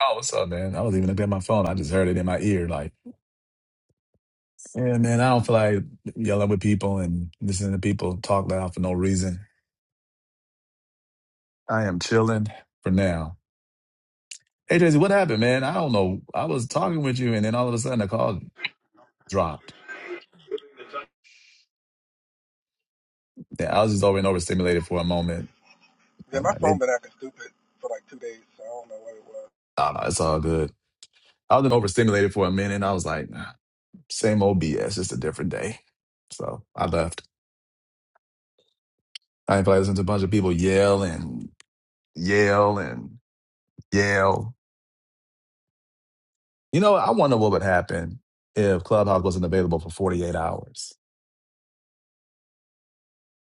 Oh, what's up, man? I was even looking at my phone. I just heard it in my ear. Like, yeah, man, I don't feel like yelling with people and listening to people talk loud for no reason. I am chilling for now. Hey, Tracy, what happened, man? I don't know. I was talking with you, and then all of a sudden the call dropped. the time Yeah, I was just over and overstimulated for a moment. Yeah, I'm my like, they, phone been acting stupid for like two days. So I don't know what it was. oh, no, it's all good. I was overstimulated for a minute. I was like, nah, same old BS, just a different day. So I left. I ain't probably listening to a bunch of people yell and yell and yell. You know, I wonder what would happen if Clubhouse wasn't available for 48 hours.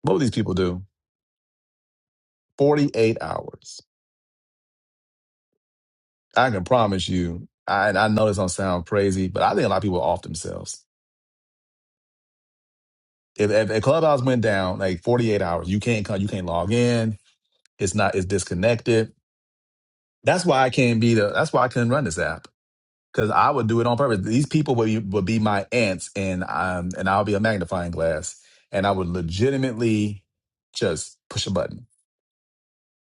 What would these people do? 48 hours. I can promise you, I, and I know this don't sound crazy, but I think a lot of people are off themselves. If, if, if Clubhouse went down like 48 hours, you can't come, you can't log in. It's not, it's disconnected. That's why I can't be the, that's why I couldn't run this app. Cause I would do it on purpose. These people would be, would be my ants and um, and I'll be a magnifying glass and I would legitimately just push a button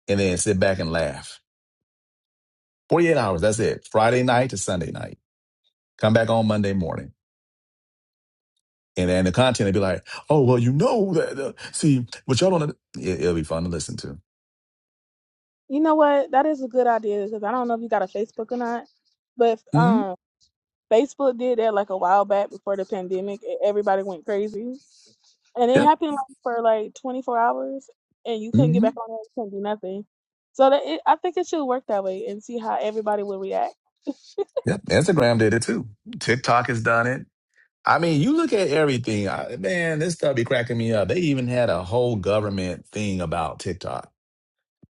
and then sit back and laugh. 48 hours, that's it. Friday night to Sunday night. Come back on Monday morning. And then the content will be like, oh, well, you know that. Uh, see, what y'all don't, under- it, it'll be fun to listen to. You know what? That is a good idea because I don't know if you got a Facebook or not, but hmm um, Facebook did that like a while back before the pandemic. e- Everybody went crazy, and it Yep. happened like for like 24 hours, and you couldn't get hmm back on it. You couldn't do nothing. So that it, I think it should work that way and see how everybody will react. Yep. Instagram did it too. TikTok has done it. I mean, you look at everything. I, man, this stuff be cracking me up. They even had a whole government thing about TikTok.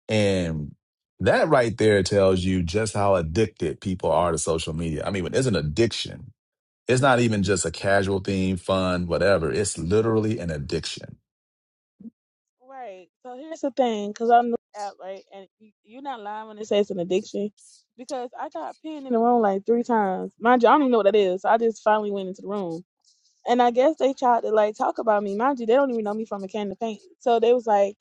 And that right there tells you just how addicted people are to social media. I mean, when it's an addiction It's not even just a casual theme, fun, whatever. It's literally an addiction. Right. So here's the thing, because I'm new app, right? And you, you're not lying when it says it's an addiction, because I got pinned in the room like three times. Mind you, I don't even know what that is. I just finally went into the room. And I guess they tried to like talk about me. Mind you, they don't even know me from a can of paint. So they was like,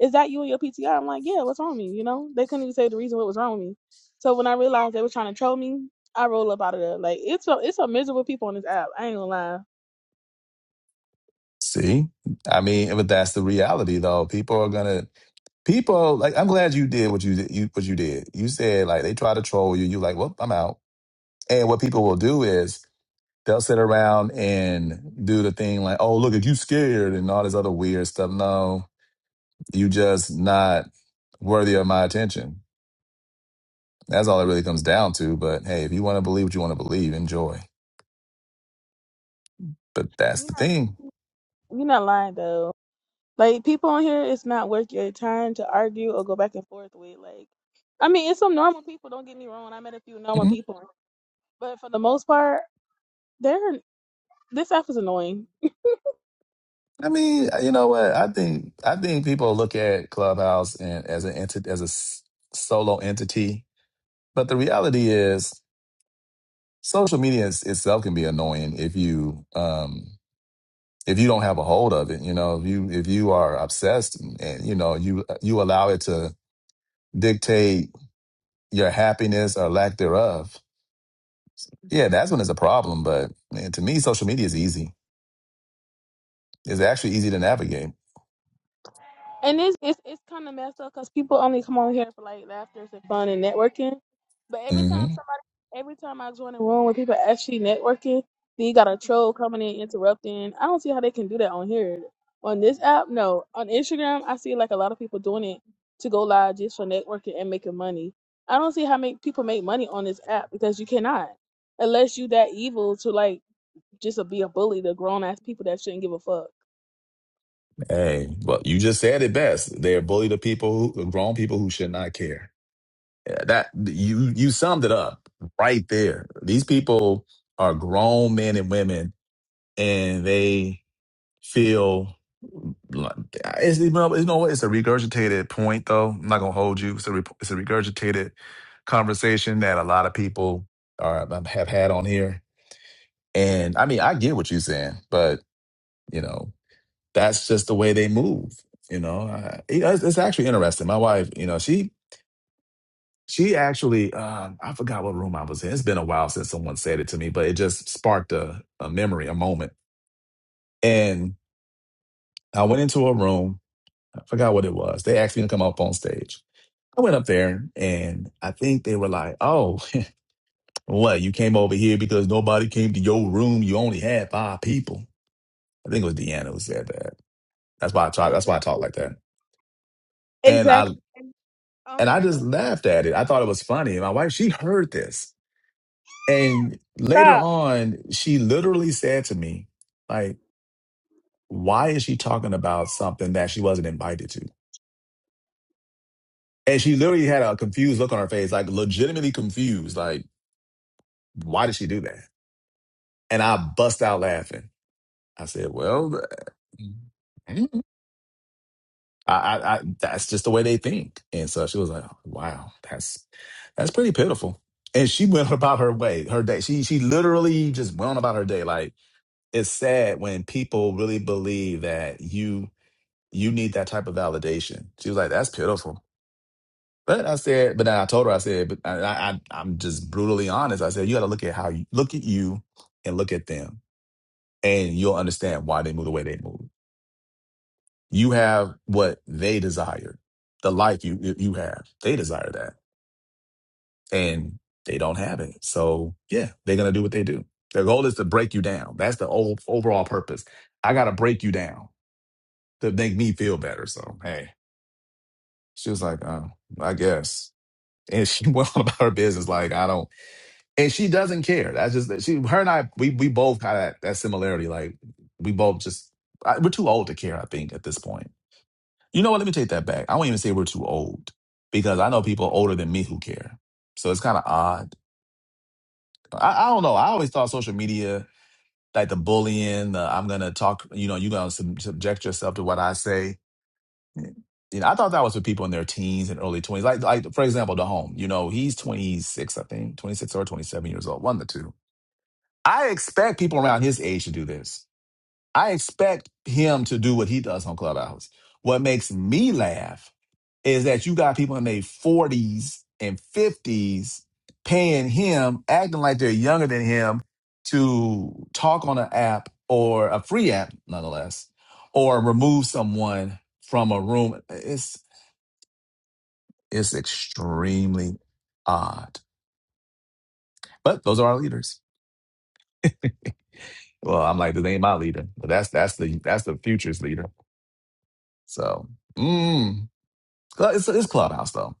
Is that you and your PTR? I'm like, Yeah, what's wrong with me? You know? They couldn't even say the reason what was wrong with me. So when I realized they were trying to troll me, I roll up out of there. Like it's a, it's a miserable people on this app. I ain't gonna lie. See? I mean, but that's the reality though. People are gonna people like I'm glad you did what you did you what you did. You said like they try to troll you, you like, well, I'm out. And what people will do is they'll sit around and do the thing like, oh look, if you scared and all this other weird stuff. No, you just not worthy of my attention. That's all it really comes down to. But hey, if you want to believe what you want to believe, enjoy. But that's You're the not, thing. you're not lying though. Like people on here, it's not worth your time to argue or go back and forth with. Like, I mean, it's some normal people. Don't get me wrong. I met a few normal Mm-hmm. people, but for the most part, they're this app is annoying. I mean, you know what? I think I think people look at Clubhouse and as an entity, as a s- solo entity, but the reality is, social media is, itself can be annoying if you um if you don't have a hold of it. You know, if you if you are obsessed and, and you know you you allow it to dictate your happiness or lack thereof. Yeah, that's when it's a problem. But man, to me, social media is easy. It's actually easy to navigate. And it's it's, it's kind of messed up because people only come on here for like laughters and fun and networking. But every Mm-hmm. time somebody, every time I join a room where people actually networking, then you got a troll coming in interrupting. I don't see how they can do that on here. On this app, no. On Instagram, I see like a lot of people doing it to go live just for networking and making money. I don't see how make people make money on this app because you cannot, unless you that evil to like just be a bully to grown ass people that shouldn't give a fuck. Hey, well, you just said it best. They are bully to people who grown people who should not care. Yeah, That you you summed it up right there. These people are grown men and women, and they feel. like- It's, you know, you know what? It's a regurgitated point, though. I'm not gonna hold you. It's a re- it's a regurgitated conversation that a lot of people are have had on here. And I mean, I get what you're saying, but you know that's just the way they move. You know, I, it's, it's actually interesting. My wife, you know, she she actually um, I forgot what room I was in. It's been a while since someone said it to me, but it just sparked a, a memory, a moment. And I went into a room. I forgot what it was. They asked me to come up on stage. I went up there, and I think they were like, "Oh, what? You came over here because nobody came to your room. You only had five people." I think it was Deanna who said that. That's why I talk. That's why I talk Exactly. like that. And I. Exactly. Oh, I'm And I sorry. Go just ahead. laughed at it. I thought it was funny. my wife, she heard this. And later Stop. on, she literally said to me, like, why is she talking about something that she wasn't invited to? And she literally had a confused look on her face, like legitimately confused. Like, why did she do that? And I bust out laughing. I said, well, I, I, I that's just the way they think. And so she was like, wow, that's that's pretty pitiful. And she went about her way, her day. She she literally just went on about her day. Like it's sad when people really believe that you you need that type of validation. She was like, that's pitiful. But I said, but then I told her, I said, but I, I I'm just brutally honest. I said, you got to look at how you look at you and look at them, and you'll understand why they move the way they move. You have what they desired, the life you you have. They desire that, and they don't have it. So yeah, they're gonna do what they do. Their goal is to break you down. That's the old overall purpose. I gotta break you down to make me feel better. So hey, she was like, oh, I guess. And she went on about her business like I don't, and she doesn't care. That's just that she, her and I. We we both had that, that similarity. Like we both just I, we're too old to care. I think at this point You know what? Let me take that back. I won't even say we're too old because I know people older than me who care. So it's kind of odd. I, I don't know. I always thought social media, like the bullying, the I'm going to talk, you know, you're going to sub- subject yourself to what I say. You know, I thought that was for people in their teens and early 20s. Like, like for example, the home, you know, he's 26, I think, 26 or 27 years old, one of the two. I expect people around his age to do this. I expect him to do what he does on Clubhouse. What makes me laugh is that you got people in their 40s and 50s paying him, acting like they're younger than him to talk on an app or a free app, nonetheless, or remove someone from a room. It's it's extremely odd. But those are our leaders. Well, I'm like, this ain't my leader. But that's that's the that's the future's leader. So mm, Cl- it's, it's clubhouse though.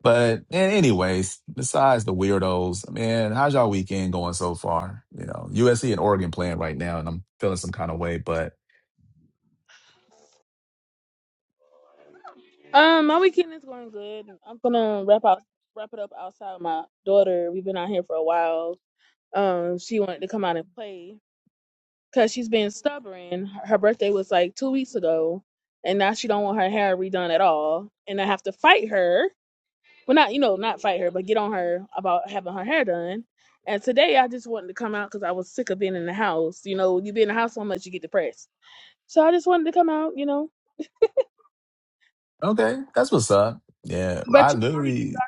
But a- anyways, besides the weirdos, man, how's y'all weekend going so far? You know, USC and Oregon playing right now, and I'm feeling some kind of way. But Um, my weekend is going good. I'm gonna wrap out, wrap it up outside with my daughter. We've been out here for a while. Um, she wanted to come out and play because she's been stubborn. Her her birthday was like two weeks ago, and now she don't want her hair redone at all. And I have to fight her. Well, not you know, not fight her, but get on her about having her hair done. And today I just wanted to come out because I was sick of being in the house. You know, you be in the house so much you get depressed. So I just wanted to come out. You know, okay, that's what's up. Yeah, but I you. know, literally.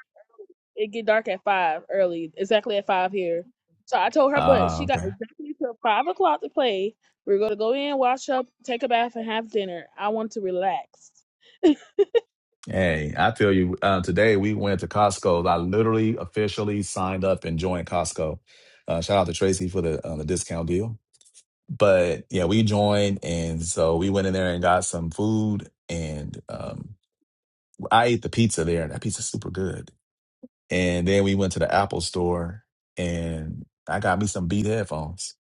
It get dark at five early, exactly at five here. So I told her, but Ah, she got okay. exactly till five o'clock to play. We are gonna go in, wash up, take a bath, and have dinner. I want to relax. Hey, I feel you. Uh, today we went to Costco. I literally officially signed up and joined Costco. Uh, shout out to Tracy for the uh, the discount deal. But yeah, we joined, and so we went in there and got some food, and um, I ate the pizza there, and that pizza's super good And then we went to the Apple store and I got me some Beat headphones.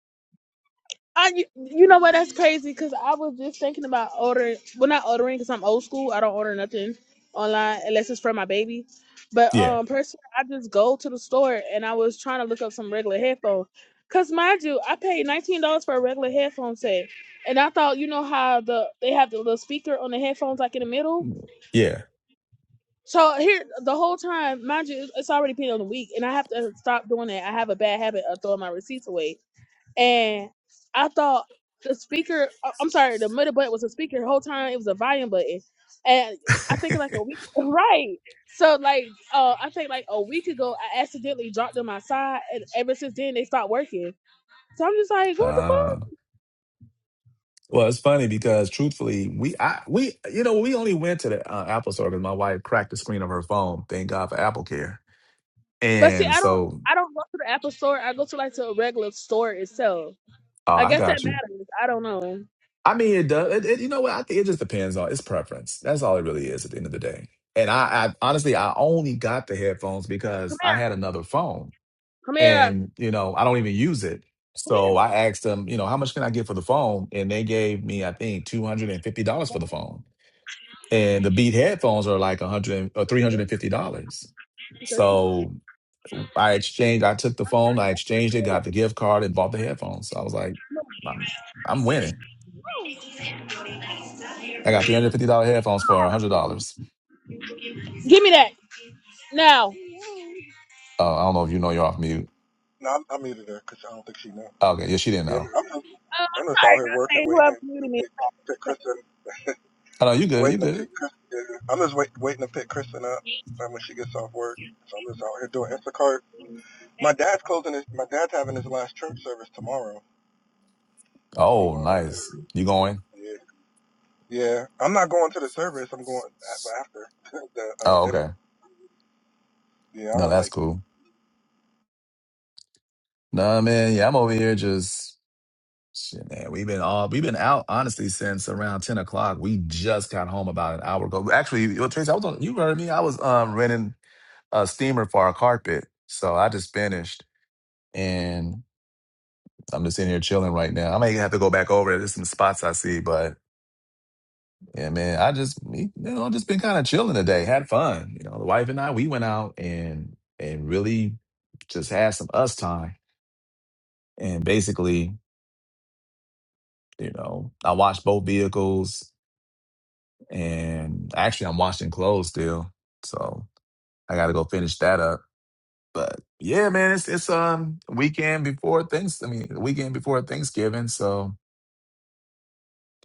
I, you you know what? That's crazy because I was just thinking about ordering. Well, not ordering because I'm old school. I don't order nothing online unless it's for my baby. But Yeah. um, personally, I just go to the store and I was trying to look up some regular headphones. Cause mind you, I paid nineteen dollars for a regular headphone set, and I thought you know how the they have the little speaker on the headphones like in the middle. Yeah. So here the whole time, mind you, it's it's already been on the week, and I have to stop doing that. I have a bad habit of throwing my receipts away and I thought the speaker, uh, I'm sorry, the middle button was a speaker the whole time. It was a volume button, and I think like a week, right? So like, uh, I think like a week ago, I accidentally dropped them outside, and ever since then they stopped working. So I'm just like, what the Uh, fuck? well, it's funny because truthfully, we, I, we, you know, we only went to the uh, Apple store because my wife cracked the screen of her phone. Thank God for Apple Care. But see, And I don't, so, I don't go to the Apple Store. I go to like to a regular store itself. oh, I I guess that got you. matters. I don't know. Come I mean, it does, it, it, you know what? I think it just depends on, it's preference. That's all it really is at the end of the day. And I, I honestly, I only got the headphones because I here, had another phone come here, and you know I don't even use it. come So here. I asked them, you know, how much can I get for the phone? And they gave me, I think, two hundred and fifty dollars for the phone. And the Beat headphones are like a hundred or three hundred and fifty dollars. So I exchanged. I took the phone. I exchanged it, got the gift card, and bought the headphones. So I was like, I'm, I'm winning. I got three hundred fifty dollars headphones for a hundred dollars. Give me that now. Uh, Uh, I don't know if you know you're off mute. No, I, I muted her because I don't think she knew. Okay, yeah, she didn't Yeah, know. I'm just, I'm I'm just out sorry, here not working, saying whoever waiting to muted me. pick, pick Kristen, Oh no, you good? You waiting to good? pick Kristen. yeah. I'm just wait, waiting to pick Kristen up uh, when she gets off work. So I'm just out here doing Instacart. My dad's closing his, my dad's having his last church service tomorrow. So I'm Oh, going out nice. there. You going? Yeah. Yeah. I'm not going to the service. I'm going a- after the uh, Oh, okay. dinner. Yeah, I No, don't that's like, cool. Nah, man, yeah, I'm over here just shit, man. We've been all we've been out honestly since around ten o'clock. We just got home about an hour ago. Actually, well, Trace, I was on. You heard me. I was um renting a steamer for our carpet, so I just finished, and I'm just sitting here chilling right now. I may have to go back over. it. There's some spots I see, but yeah, man, I just you know just been kind of chilling today. Had fun. You know, the wife and I we went out and and really just had some us time and basically. You know, I washed both vehicles, and actually, I'm washing clothes still, so I got to go finish that up. But yeah, man, it's it's um weekend before things. I mean, weekend before Thanksgiving. So,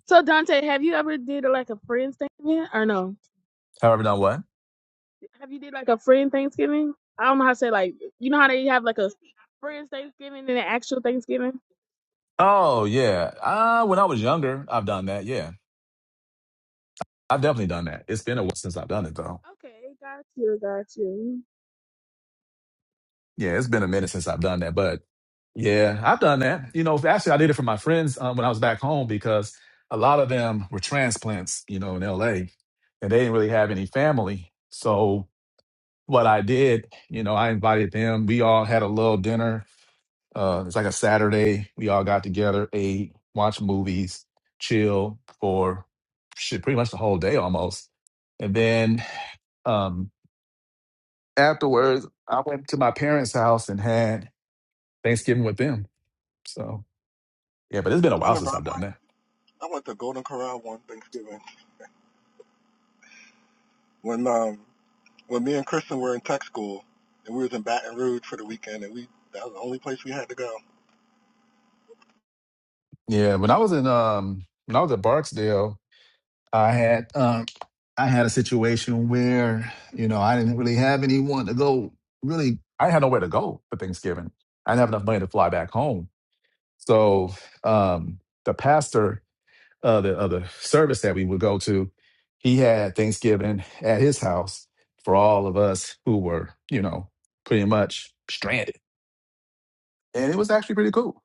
So Dante, have you ever did like a friend's Thanksgiving or no? however, done what? Have you did like a friend Thanksgiving? I don't know how to say like you know how they have like a friend's Thanksgiving and an actual Thanksgiving. Oh yeah, uh, when I was younger, I've done that. Yeah, I've definitely done that. It's been a while since I've done it though. Okay, got you, got you. Yeah, it's been a minute since I've done that, but yeah, I've done that. You know, actually, I did it for my friends um, when I was back home because a lot of them were transplants, you know, in LA, and they didn't really have any family. So what I did, you know, I invited them. We all had a little dinner. Uh, it's like a Saturday. We all got together, ate, watched movies, chill for shit, pretty much the whole day almost. And then um, afterwards, I went to my parents' house and had Thanksgiving with them So yeah, but it's been a I while remember since I I've went, done that. I went to Golden Corral one Thanksgiving. when um when me and Kristen were in tech school and we was in Baton Rouge for the weekend and we that was the only place we had to go. Yeah, when I was in um when I was at Barksdale, I had um I had a situation where, you know, I didn't really have anyone to go really I had nowhere to go for Thanksgiving. I didn't have enough money to fly back home. So um the pastor uh, the other service that we would go to, he had Thanksgiving at his house for all of us who were, you know, pretty much stranded. And it was actually pretty cool.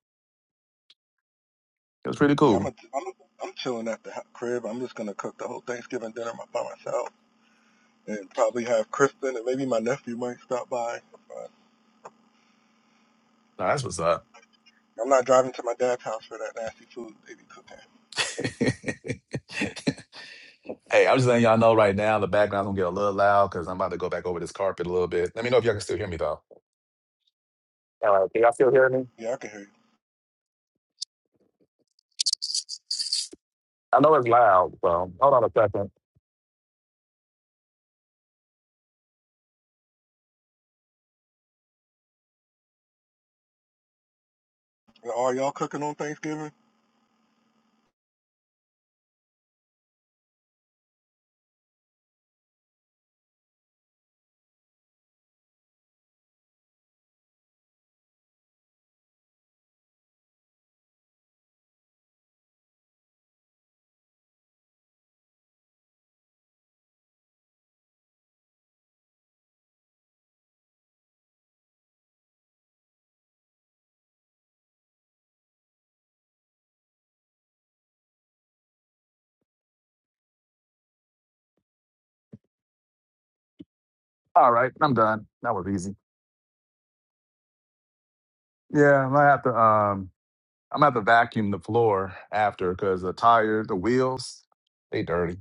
It was pretty Yeah, I'm a, cool. I'm a, I'm chilling at the crib. I'm just gonna cook the whole Thanksgiving dinner by myself and probably have Kristen and maybe my nephew might stop by. But Now, That's what's up. I'm not driving to my dad's house for that nasty food they be cooking. hey, I'm just letting y'all know right now the background's gonna get a little loud because I'm about to go back over this carpet a little bit. Let me know if y'all can still hear me though. Yeah, I can hear you. Are y'all cooking on Thanksgiving? All right, I'm done. That was easy. Yeah, I'm gonna have to um I'm gonna have to vacuum the floor after because the tire, the wheels, they dirty.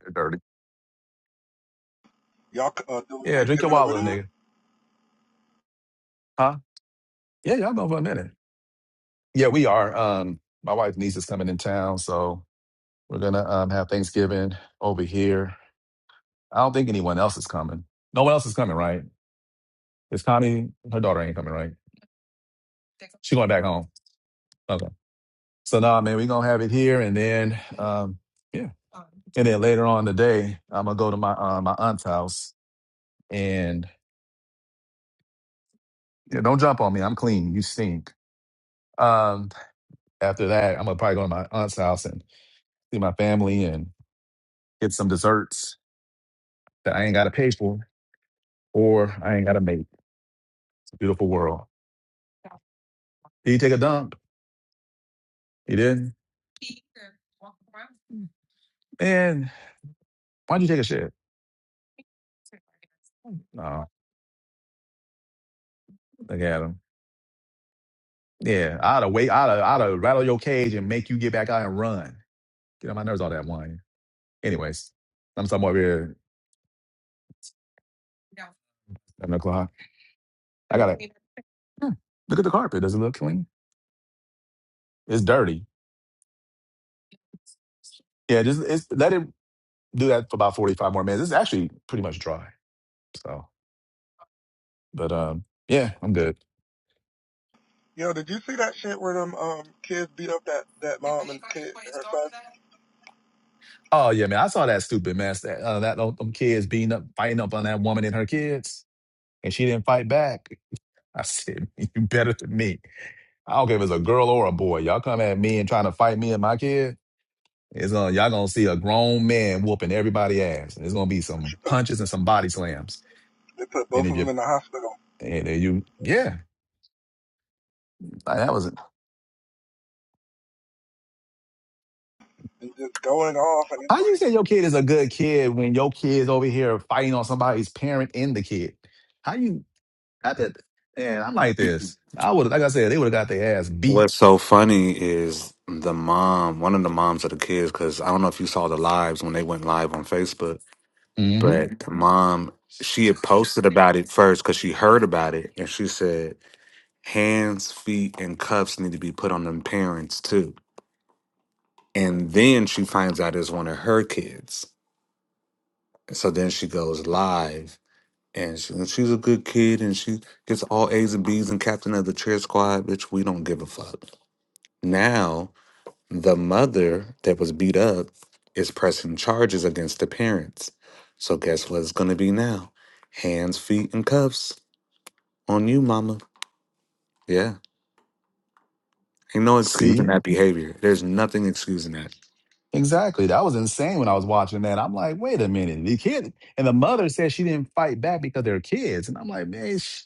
They're dirty. Y'all uh, doing Yeah, drink your Thanksgiving over water, there? nigga. Huh? Yeah, y'all know for a minute. Yeah, we are. Um, my wife's niece is coming in town, so we're gonna um have Thanksgiving over here. I don't think anyone else is coming. No one else is coming, right? It's Connie. Her daughter ain't coming, right? She going back home. Okay. So nah, man, we gonna have it here, and then um, yeah, and then later on today, I'm gonna go to my uh, my aunt's house, and yeah, don't jump on me. I'm clean. You stink. Um, after that, I'm gonna probably go to my aunt's house and see my family and get some desserts that I ain't got to pay for or I ain't got to make. It's a beautiful world. Did you take a dump? You didn't? Man, why'd you take a shit? No, look at him. Yeah, I'd have wait, I'd have, I'd have rattle your cage and make you get back out and run. Get on my nerves all that wine. Anyways, I'm somewhere about here at 7 o'clock. I got to look at the carpet. Does it look clean? It's dirty. Yeah, just it's, let it do that for about 45 more minutes. It's actually pretty much dry. So, but um, yeah, I'm good. Yo, did you see that shit where them um kids beat up that that mom and kid and her son? Oh yeah, man, I saw that stupid mess that uh, that old- them kids beating up, fighting up on that woman and her kids, and she didn't fight back. I said, "You better than me. I don't care if it's a girl or a boy. Y'all come at me and trying to fight me and my kid. It's uh, y'all gonna see a grown man whooping everybody ass. There's gonna be some punches and some body slams. They put And both of if them you in the hospital. and if you yeah, like, that was It's just going off, and it's how like, you say your kid is a good kid when your kid's over here fighting on somebody's parent and the kid. How you? I did, and I'm like this. I would, like I said, they would have got their ass beat. What's so funny is the mom, one of the moms of the kids, because I don't know if you saw the lives when they went live on Facebook, hmm but the mom, she had posted about it first because she heard about it and she said, hands, feet, and cuffs need to be put on them parents too. And then she finds out it's one of her kids. So then she goes live and she, and she's a good kid and she gets all A's and B's and captain of the cheer squad, bitch, we don't give a fuck. Now, the mother that was beat up is pressing charges against the parents. So guess what it's gonna be now? Hands, feet, and cuffs on you, mama. Yeah. Ain't no excusing See, that behavior. There's nothing excusing that. exactly. That was insane when I was watching that. I'm like, wait a minute, the kid and the mother said she didn't fight back because they're kids, and I'm like, man, sh-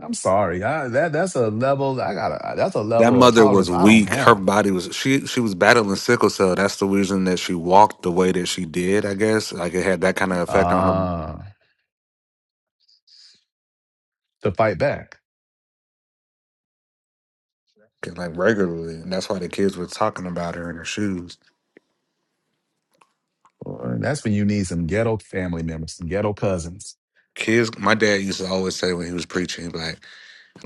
I'm sorry. I, that that's a level I got. to That's a That level of mother was tolerance I don't weak. Her have body was she she was battling sickle cell. That's the reason that she walked the way that she did, I guess. Like it had that kind of effect on uh, to fight back. her like regularly. And that's why the kids were talking about her in her shoes. Or That's when you need some ghetto family members, some ghetto cousins. Kids my dad used to always say when he was preaching, he'd be like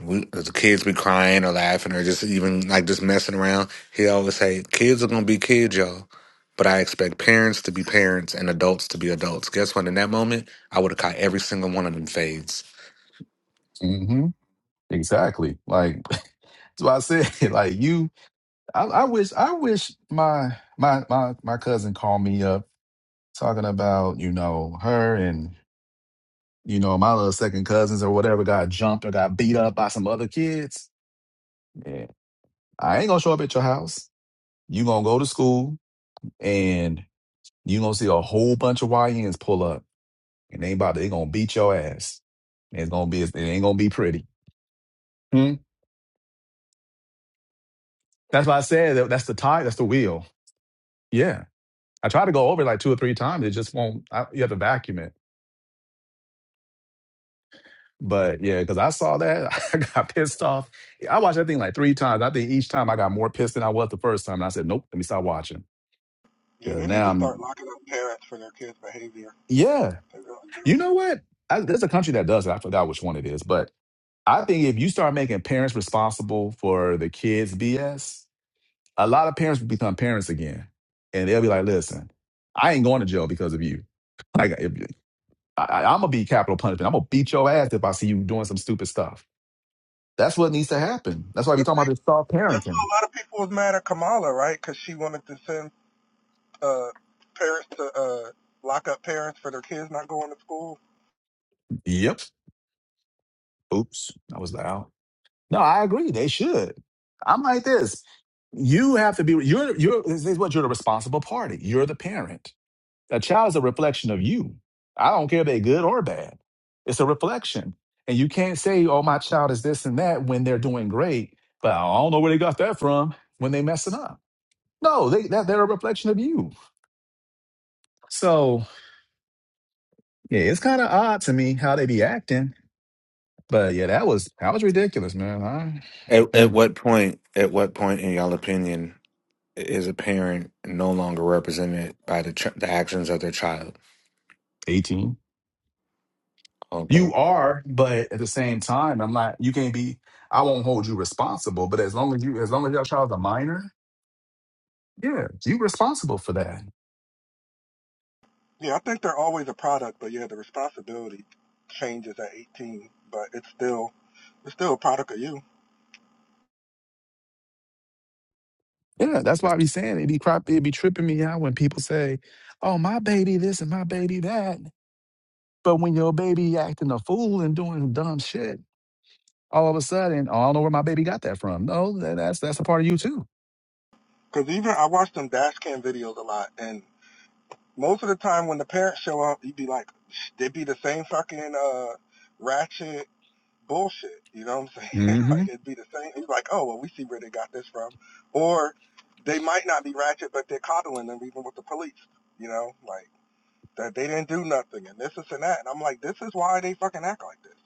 we, the kids be crying or laughing or just even like just messing around. He always say, "Kids are gonna be kids, y'all." But I expect parents to be parents and adults to be adults. Guess what? In that moment, I would have caught every single one of them fades. hmm Exactly. Like that's why I said, like you. I, I wish I wish my my my my cousin called me up talking about you know her and you know my little second cousins or whatever got jumped or got beat up by some other kids. Yeah, I ain't gonna show up at your house. You gonna go to school and you gonna see a whole bunch of YNs pull up and they about to, they gonna beat your ass. And it's gonna be it ain't gonna be pretty. Hmm? That's why I said that, that's the tie. That's the wheel. Yeah, I tried to go over it like two or three times. It just won't. I, you have to vacuum it. But yeah, because I saw that, I got pissed off. I watched that thing like three times. I think each time I got more pissed than I was the first time. And I said, nope, let me stop watching. yeah, Because they need now to start I'm, locking up parents for their kids' behavior. yeah. They really do. You know what? I, there's a country that does it. I forgot which one it is. But I think if you start making parents responsible for the kids' BS, a lot of parents will become parents again. And they'll be like, listen, I ain't going to jail because of you. Like, if, I, I'm going to be capital punishment. I'm going to beat your ass if I see you doing some stupid stuff That's what needs to happen. That's why we That's talking about this soft why parenting. a lot of people was mad at Kamala, right? Because she wanted to send uh, parents to uh, lock up parents for their kids not going to school. Yep. Oops, I was loud. No, I agree. They should. I'm like this. You have to be. You're. You're. This is what you're the responsible party. You're the parent. A child is a reflection of you. I don't care if they're good or bad. It's a reflection, and you can't say, "Oh, my child is this and that" when they're doing great. But I don't know where they got that from when they messing up. No, they that they're a reflection of you. So yeah, it's kind of odd to me how they be acting But yeah, that was that was ridiculous, man. At, I, at mm, what point? At what point, in y'all opinion, is a parent no longer represented by the ch- the actions of their child? Eighteen. Okay, You are, but at the same time, I'm not. You can't be. I won't hold you responsible. But as long as you, as long as your child's a minor, yeah, you responsible for that. Yeah, I think they're always a product, but yeah, the responsibility changes at 18, but it's still it's still a product of you. Yeah, that's why I be saying it be crap. It be tripping me out when people say, "Oh, my baby this and my baby that," but when your baby acting a fool and doing dumb shit, all of a sudden, oh, I don't know where my baby got that from. No, tha- that's that's a part of you too. Because even I watch them dash cam videos a lot, and most of the time when the parents show up, you would be like, sh- they be the same fucking uh, ratchet bullshit. You know what I'm saying? hmm like it'd be the same. It's like, oh well, we see where they got this from, or they might not be ratchet, but they're coddling them even with the police. You know, like that they didn't do nothing and this, this, and that. And I'm like, this is why they fucking act like this.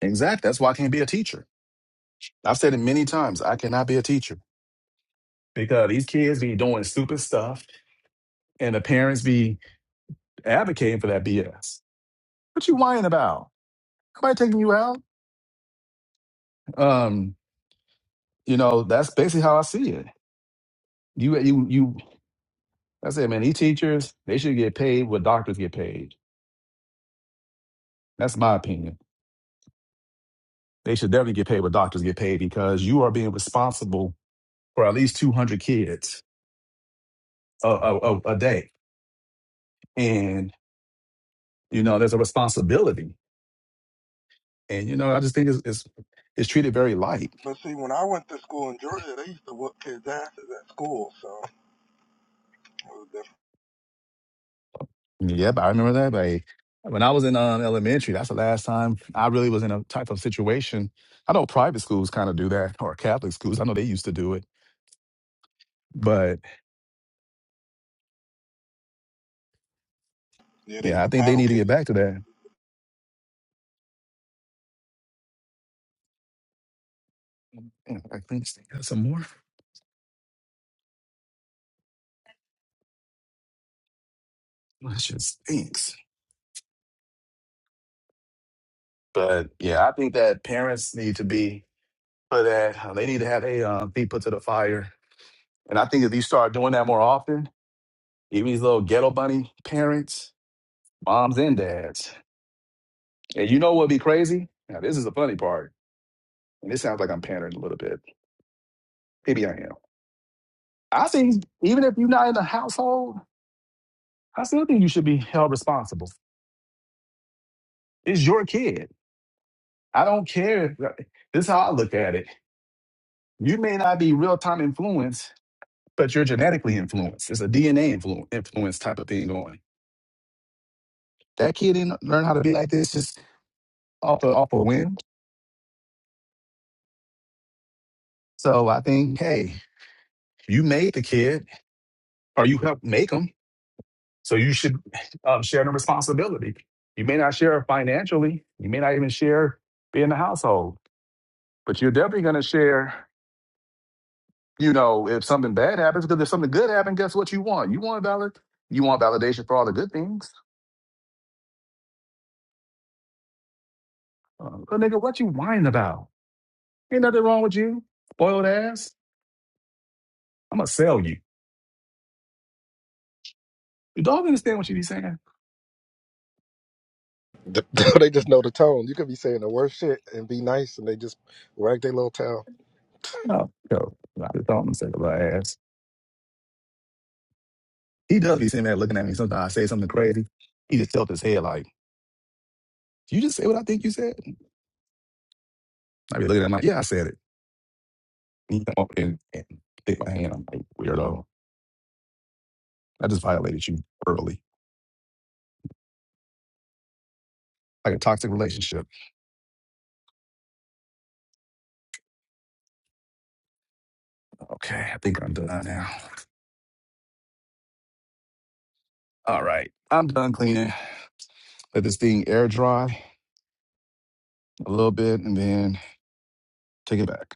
Exactly. That's why I can't be a teacher. I've said it many times. I cannot be a teacher because these kids be doing stupid stuff, and the parents be advocating for that BS. What you whining about? Nobody taking you out. Um, you know, that's basically how I see it. You you you. I said, man, these teachers they should get paid what doctors get paid. That's my opinion. They should definitely get paid what doctors get paid because you are being responsible for at least two hundred kids a, a, a, a day, and you know there's a responsibility. And you know I just think it's it's, it's treated very light. But see, when I went to school in Georgia, they used to whoop kids' asses at school, so it was different. Yep, I remember that. Like when I was in um, elementary, that's the last time I really was in a type of situation. I know private schools kind of do that, or Catholic schools. I know they used to do it, but Yeah, they used yeah, I to think they paddle need to kids. get back to that. Damn, I think they got some more. That shit stinks. But yeah, I think that parents need to be put at. uh, They need to have a uh, be put to the fire. And I think if you start doing that more often, even these little ghetto bunny parents, moms and dads. And you know what would be crazy? Now this is the funny part. And this sounds like I'm pandering a little bit. Maybe I am. I think even if you're not in the household, I still think you should be held responsible. It's your kid. I don't care. This is how I look at it You may not be real time influenced, but you're genetically influenced. It's a DNA influence, influence type of thing going. That kid didn't learn how to be like this just off a off a whim. So I think, hey, you made the kid, or you helped make them, so you should um, share the responsibility. You may not share financially. You may not even share being the household, but you're definitely going to share. You know, if something bad happens, because if something good happens, guess what you want? You want valid. You want validation for all the good things. Uh, nigga, what you whining about? Ain't nothing wrong with you. Spoiled ass. I'm gonna sell you. The dog understand what you be saying. Th- they just know the tone. You could be saying the worst shit and be nice, and they just wag their little tail. No, yo, I just don't understand about ass. He does be sitting there looking at me. Sometimes I say something crazy. He just tilt his head like, "Did you just say what I think you said?" I be looking at him like, "Yeah, I said it." And he come up and, and take my hand. I'm like, "Weirdo, I just violated you verbally, like a toxic relationship." Okay, I think I'm done now. All right, I'm done cleaning. Let this thing air dry a little bit, and then take it back.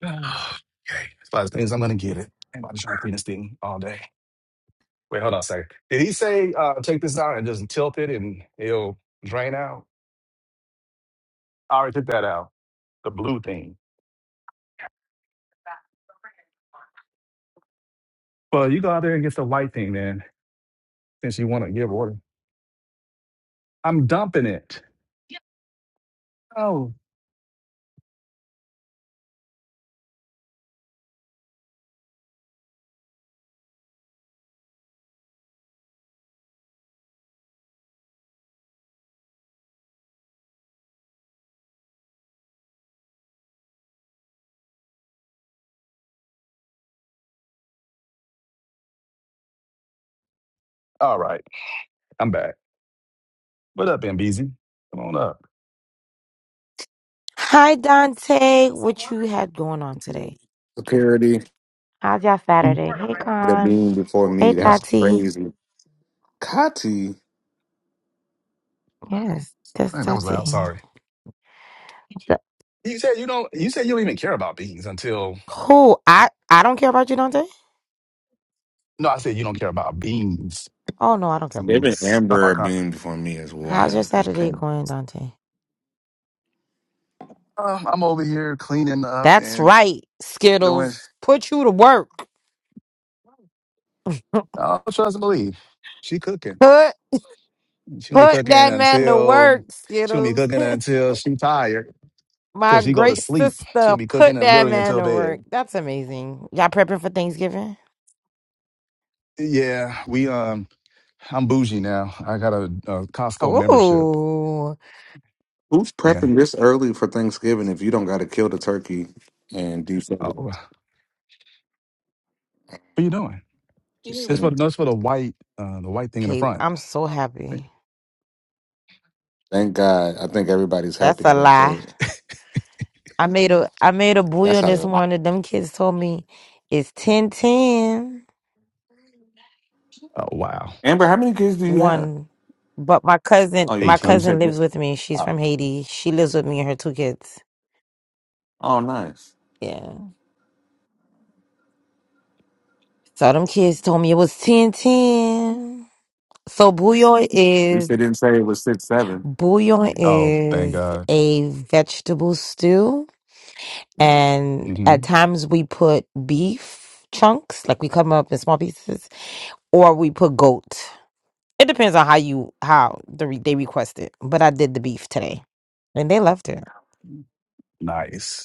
okay. That's about as things I'm gonna get it. I'm about to try to clean this thing all day. Wait, hold on a second. Did he say uh take this out and just tilt it and it'll drain out? I already took that out. The blue thing. Well, you go out there and get the white thing then, since you wanna give order. I'm dumping it. Oh. All right. I'm back. What up, MBZ? Come on up. Hi, Dante. What you had going on today? security How's y'all Hmm? Saturday? Hey, that Con. being before Hey, me. That's No. Tati. crazy. Kati, Yes, that's Man, that was loud. Tati. Sorry. The- You said you don't you said you don't even care about beans until Who? I I don't care about you, Dante. no, I said you don't care about beans. Oh no, I don't care about. That. even Beans. Amber being before me is How's your wild. That's Saturday crazy. going, Dante? Um, I'm over here cleaning up That's and right, doing. Skittles. Put you to work. Oh, trust and believe, she cooking. Put She gonna be put cooking that man to until work, she gonna be Skittles. cooking until she tired, till My she go to great sleep. She sister gonna be cooking put and that literally man until to work. bed. That's amazing. Y'all prepping for Thanksgiving? Yeah, we um, I'm bougie now. I got a, a Costco membership. Oh. Who's Yeah. prepping this early for Thanksgiving if you don't got to kill the turkey and defrost Oh, what it? are you doing? Just It's for saying. no, it's for the white, uh, the white thing in the Okay, front. I'm so happy. Thank God. I think everybody's That's happy a about lie. that. I made a I made a That's bouillon this how. morning. Them kids told me it's ten ten Oh wow, Amber, how many kids do you one, have? But my cousin Oh, you, my oh, you eighteen. cousin said this. lives with me. She's Oh, from Haiti. She lives with me and her two kids. oh, nice. Yeah. So them kids told me it was 10 ten. So bouillon At least is they didn't say it was six, seven. bouillon Oh, thank is God. a vegetable stew and at hmm times we put beef chunks like we cut 'em up in small pieces or we put goat. It depends on how you how the re- they request it. But I did the beef today, and they loved it. Nice.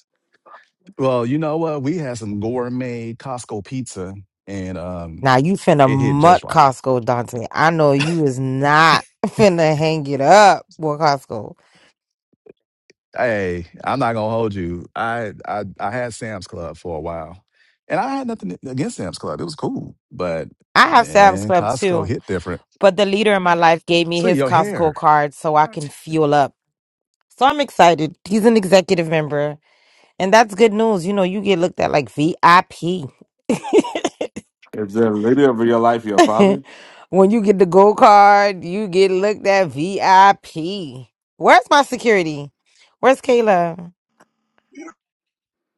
Well, you know what? We had some gourmet Costco pizza and um Now you finna it hit just mutt right. Costco, Dante. I know you is not finna hang it up with Costco. Hey, I'm not gonna hold you. I I I had Sam's Club for a while. And I had nothing against Sam's Club. It was cool. But I have Sam's man, Club Costco too, hit different. but the leader in my life gave me Sweet, his your Costco hair. card so I can fuel up. So I'm excited. He's an executive member, and that's good news. You know, you get looked at like VIP. Is the lady over your life your father? when you get the gold card, you get looked at VIP. Where's my security? Where's Kayla?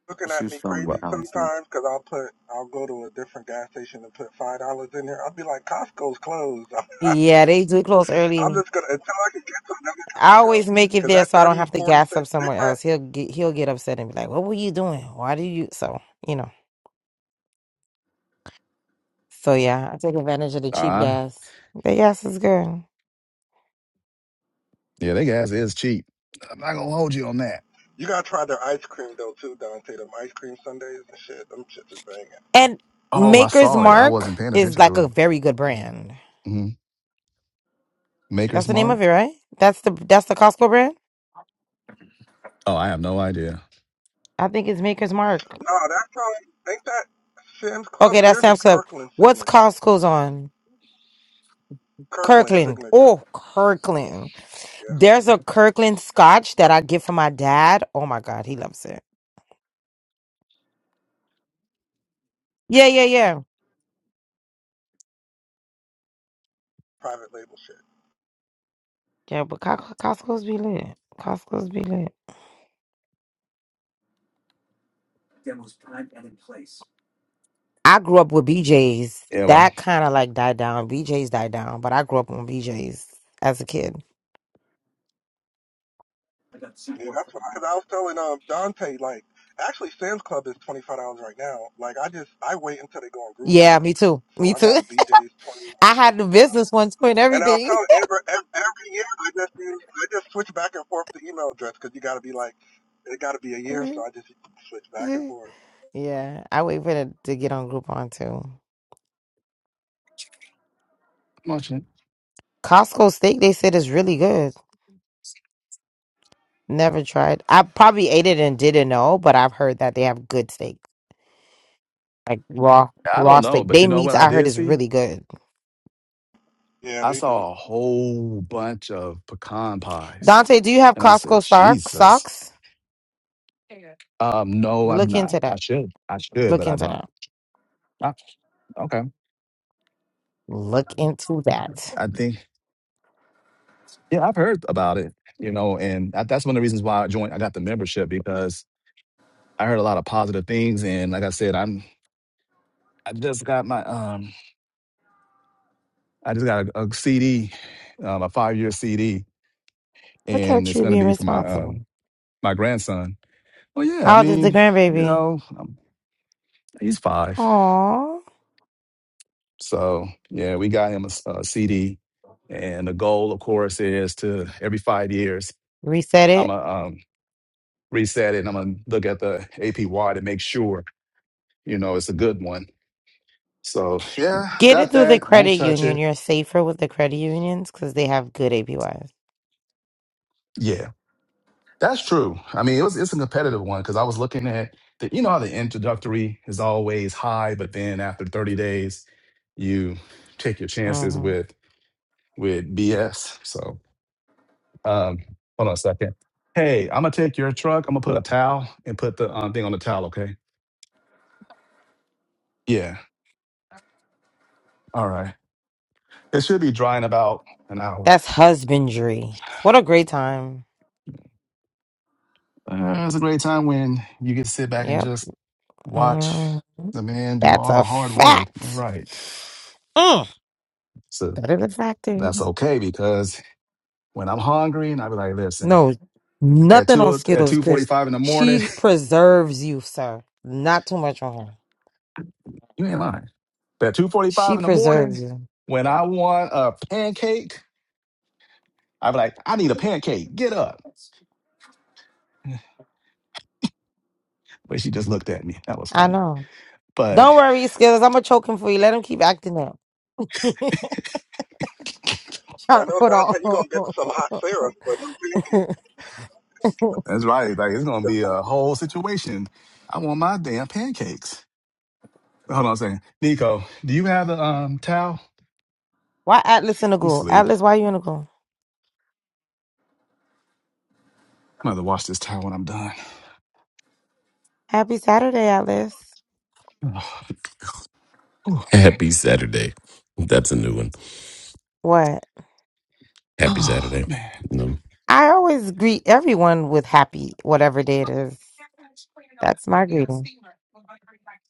looking at She's me from the crazy Well, continent. sometimes because I'll put I'll go to a different gas station and put five dollars in there. I'll be like Costco's closed. I'm not, Yeah, they do close I'm early. just gonna until I can get to another I Costco always make it because there that so I don't thirty have to forty gas up cents somewhere different. else. He'll get he'll get upset and be like, "What were you doing? Why do you?" So you know. So yeah, I take advantage of the cheap uh, gas. The gas is good. yeah, they guys is cheap. I'm not gonna hold you on that. You gotta try their ice cream though too, Dante. Them ice cream sundaes and shit. Them shits is banging. And Oh, I Maker's saw it. I Mark wasn't paying is attention like to it. a very good brand. hmm That's Maker's the name of it, Mark? right? That's the that's the Costco brand. Oh, I have no idea. I think it's Maker's Mark. No, that's probably Ain't that Sam's Club's Okay, that's theirs is Sam's Club. Kirkland What's signature. Costco's on? Kirkland Kirkland. signature. Oh, Kirkland. Yeah, There's a Kirkland scotch that I get for my dad. Oh my God, he loves it. Yeah, yeah, yeah. private label shit. Yeah, but Co- Costco's be lit. Costco's be lit. I grew up with BJ's. Yeah, well, That kind of like died down. BJ's died down, but I grew up on BJ's as a kid. Yeah, that's what, cause I was telling um Dante like actually Sam's Club is twenty five dollars right now. Like I just I wait until they go on Yeah, Groupon, me too. so Me I got too. a BJ's twenty. I had the Yeah. business once and And I'll tell everything. you, every every every year I just use I just switch back and forth the email address because you got to be like it got to be a year, so I just switch back and forth. yeah, I wait for it to get on Groupon too. much. Costco steak they said is really good. Never tried. I probably ate it and didn't know, but I've heard that they have good steak, like raw I raw don't know, steak. but They you know meats what I I heard did is see? really good. Yeah, I they do. saw a whole bunch of pecan pies. Dante, do you have And I said, Costco stock Jesus. socks? Um, no, I'm Look not. into I that. should. I should, Look but I into don't. that. I, okay. Look into that. I think, yeah, I've heard about it, you know, and that, that's one of the reasons why I joined. I got the membership because I heard a lot of positive things. And like I said, I'm, I just got my, um, I just got a, CD, um, a five year CD, Look and at it's you going to being be for my, um, responsible. my grandson. Well, yeah, I How old is the mean, you grandbaby? know, um, he's five. Aw. So yeah, we got him a, s- a CD, and the goal, of course, is to every five years, Reset I'm it. gonna um, reset it. and I'm gonna look at the APY to make sure you know it's a good one. So yeah, Get it got through the that. credit Won't touch union. it. You're safer with the credit unions because they have good APYs. Yeah, that's true. I mean, it was it's a competitive one because I was looking at the you know how the introductory is always high, but then after 30 days, you take your chances hmm with with BS. So Um, hold on a second. Hey, I'm gonna take your truck. I'm gonna put a towel and put the um, thing on the towel. Okay. Yeah. All right. It should be dry in about an hour. That's husbandry. What a great time. Uh, it's a great time when you get to sit back and Yep. just watch Mm, the man do that's all the a hard work. You're fact. right. Mm, So that is a fact. that's dude. okay because when I'm hungry, and I be like, listen, No, at nothing on two at Skittles two forty because five in the morning, she preserves you, sir. Not too much on her. you ain't lying. But at two forty five She in the morning, preserves you. when I want a pancake, I be like, I need a pancake. Get up. But she just looked at me. That was I funny. know. But Don't worry, Skittles. I'm going to choke him for you. Let him keep acting up. I Trying to know put on. Dante, you're gonna get some hot syrup, but no pancakes. that's right. Like it's gonna be a whole situation. I want my damn pancakes. Hold on a second. Nico, do you have the um towel? why Atlas in a He's ghoul? asleep. Atlas, why you in a ghoul? I'm gonna have to wash this towel when I'm done. Happy Saturday, Atlas. Oh, oh, man. Happy Saturday. That's a new one. What? Happy Oh Saturday. man. Um, I always greet everyone with happy, whatever day it is. That's my greeting.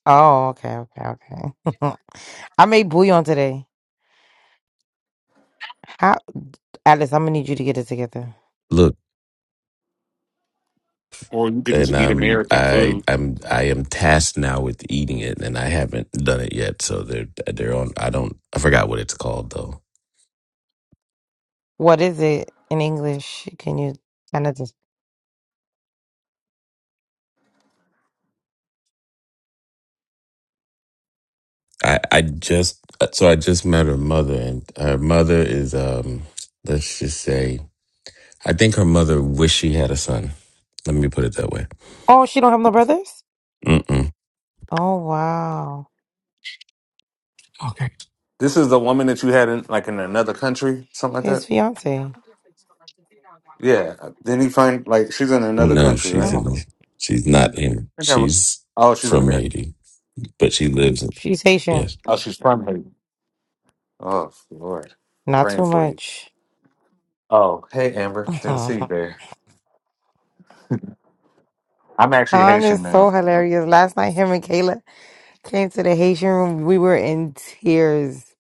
Oh, okay, okay, okay. I made bouillon today. How, Alice? I'm gonna need you to get it together. look, Or you could just and eat I'm American I food. I'm I am tasked now with eating it, and I haven't done it yet. So they're they're on. I don't. I forgot what it's called though. What is it in English? Can you kind of just? I I just so I just met her mother, and her mother is um. Let's just say I think her mother wished she had a son. Let me put it that way. Oh, she don't have no brothers. Mm-mm. Oh wow, Okay. This is the woman that you had in like in another country, something like that. his fiance. Yeah. Then he find like she's in another No, country, she's right? in. No, She's not in. I think I re- She's oh, she's in from America. Haiti, but she lives in. she's yeah. Haitian. Oh, she's from Haiti. Oh, Lord, Not praying too for you. much. Oh, hey Amber, didn't see you Khan there. I'm actually is Haitian so now. so- hilarious. Last night, him and Kayla. Came to the Haitian room, we were in tears.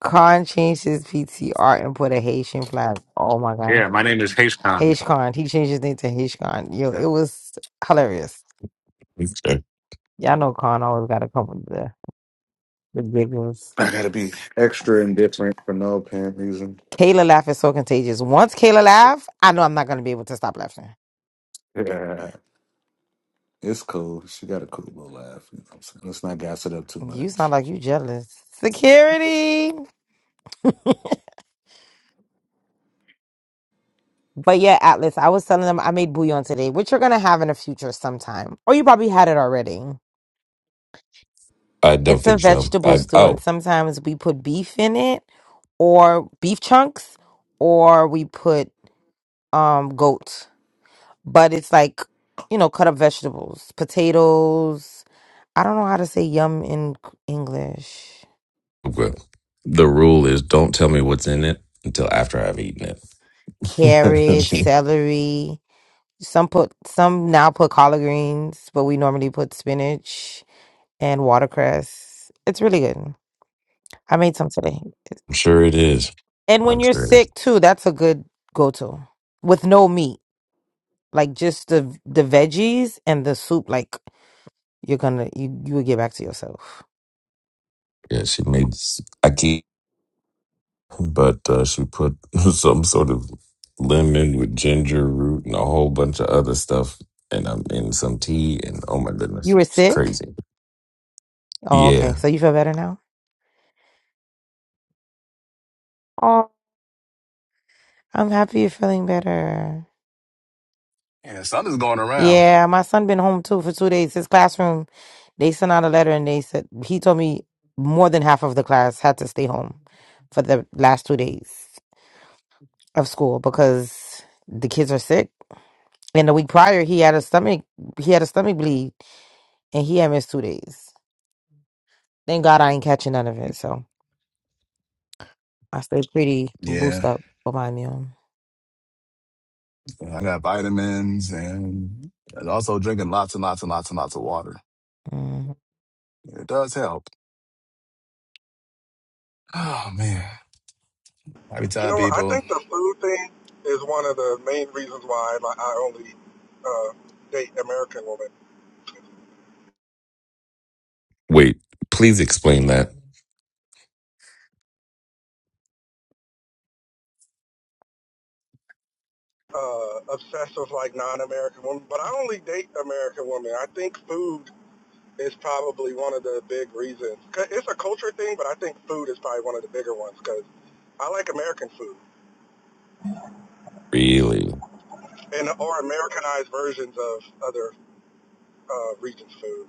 Khan changed his PTR and put a Haitian flag. Oh my god. Yeah, my name is Haitian. Haitian Khan. He changed his name to Haitian Khan. Yo, Yeah. it was hilarious. Okay. Y'all know Khan always gotta come with the, the big ones. I gotta be extra indifferent for no apparent reason. Kayla laugh is so contagious. Once Kayla laugh, I know I'm not gonna be able to stop laughing. Yeah. It's cool. She got a cool little laugh. You know what I'm saying? Let's not gas it up too You sound much. like you jealous. Security. But yeah, Atlas, I was telling them I made bouillon today, which you're gonna have in the future sometime. Or you probably had it already. I don't It's a think so. vegetable I stew, oh and sometimes we put beef in it, or beef chunks, or we put um goat. But it's like, you know, cut up vegetables, potatoes. I don't know how to say yum in K- English. okay. The rule is don't tell me what's in it until after I've eaten Carrots, it. celery. Some put some now put collard greens, but we normally put spinach and watercress. It's really good. I made some today. I'm sure it is. And when I'm you're sure it is. sick too, that's a good go-to with no meat. Like just the the veggies and the soup. Like you're gonna you you will get back to yourself. Yeah, she made s- ackee, but uh, she put some sort of lemon with ginger root and a whole bunch of other stuff, and I'm in some tea, and oh my You goodness, were it's sick. crazy. Oh, okay. Yeah. So you feel better now. Oh, I'm happy you're feeling better. Yeah, something's going around. Yeah, my son been home too for two days. His classroom, they sent out a letter and they said he told me more than half of the class had to stay home for the last two days of school because the kids are sick. And the week prior, he had a stomach he had a stomach bleed and he had missed two days. Thank God I ain't catching none of it. So. I stay pretty boost Yeah. up behind me. I got vitamins and also drinking lots and lots and lots and lots of water. Mm. It does help. Oh man. Every You time know what? I people think the food thing is one of the main reasons why like, I only uh, date American women Wait, please explain that. uh, obsessed with like non-American women, but I only date American women. I think food is probably one of the big reasons. It's a culture thing, but I think food is probably one of the bigger ones because I like American food Really, and or Americanized versions of other uh, regions' food.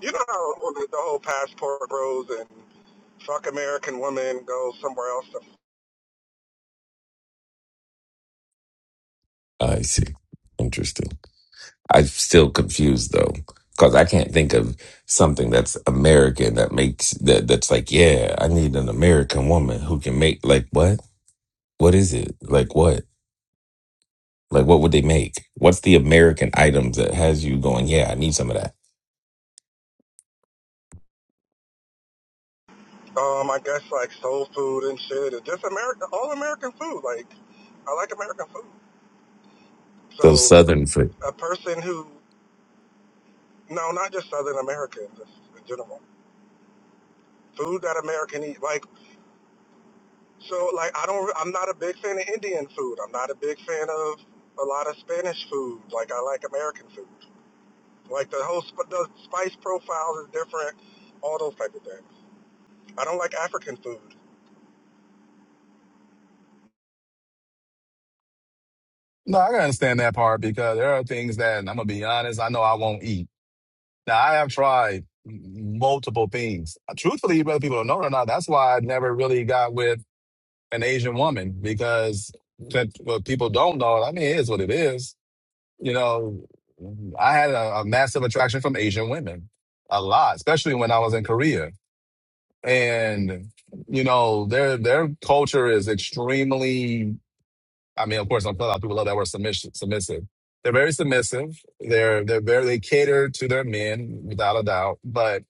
You know how the, the whole passport grows and fuck American women, go somewhere else to, I see. Interesting. I'm still confused though, because I can't think of something that's American that makes that that's like, yeah, I need an American woman who can make like what? What is it? Like what? Like what would they make? What's the American items that has you going? Yeah, I need some of that. um, I guess like soul food and shit, and just America, all American food. Like, I like American food. Those So Southern food. a person who No, not just Southern Americans, just in general. Food that American eat, like so, like I don't, I'm not a big fan of Indian food. I'm not a big fan of a lot of Spanish food. Like I like American food. Like the whole sp- the spice profiles is different. All those type of things. I don't like African food. No, I can understand that part because there are things that I'm gonna be honest. I know I won't eat. Now I have tried m- multiple things. Truthfully, whether people know it or not, that's why I never really got with an Asian woman because that what people don't know. I mean, it is what it is. You know, I had a, a massive attraction from Asian women, a lot, especially when I was in Korea. And you know, their their culture is extremely I mean, of course, on Clubhouse, people love that word submission, submissive. They're very submissive. They're they're very they cater to their men without a doubt. But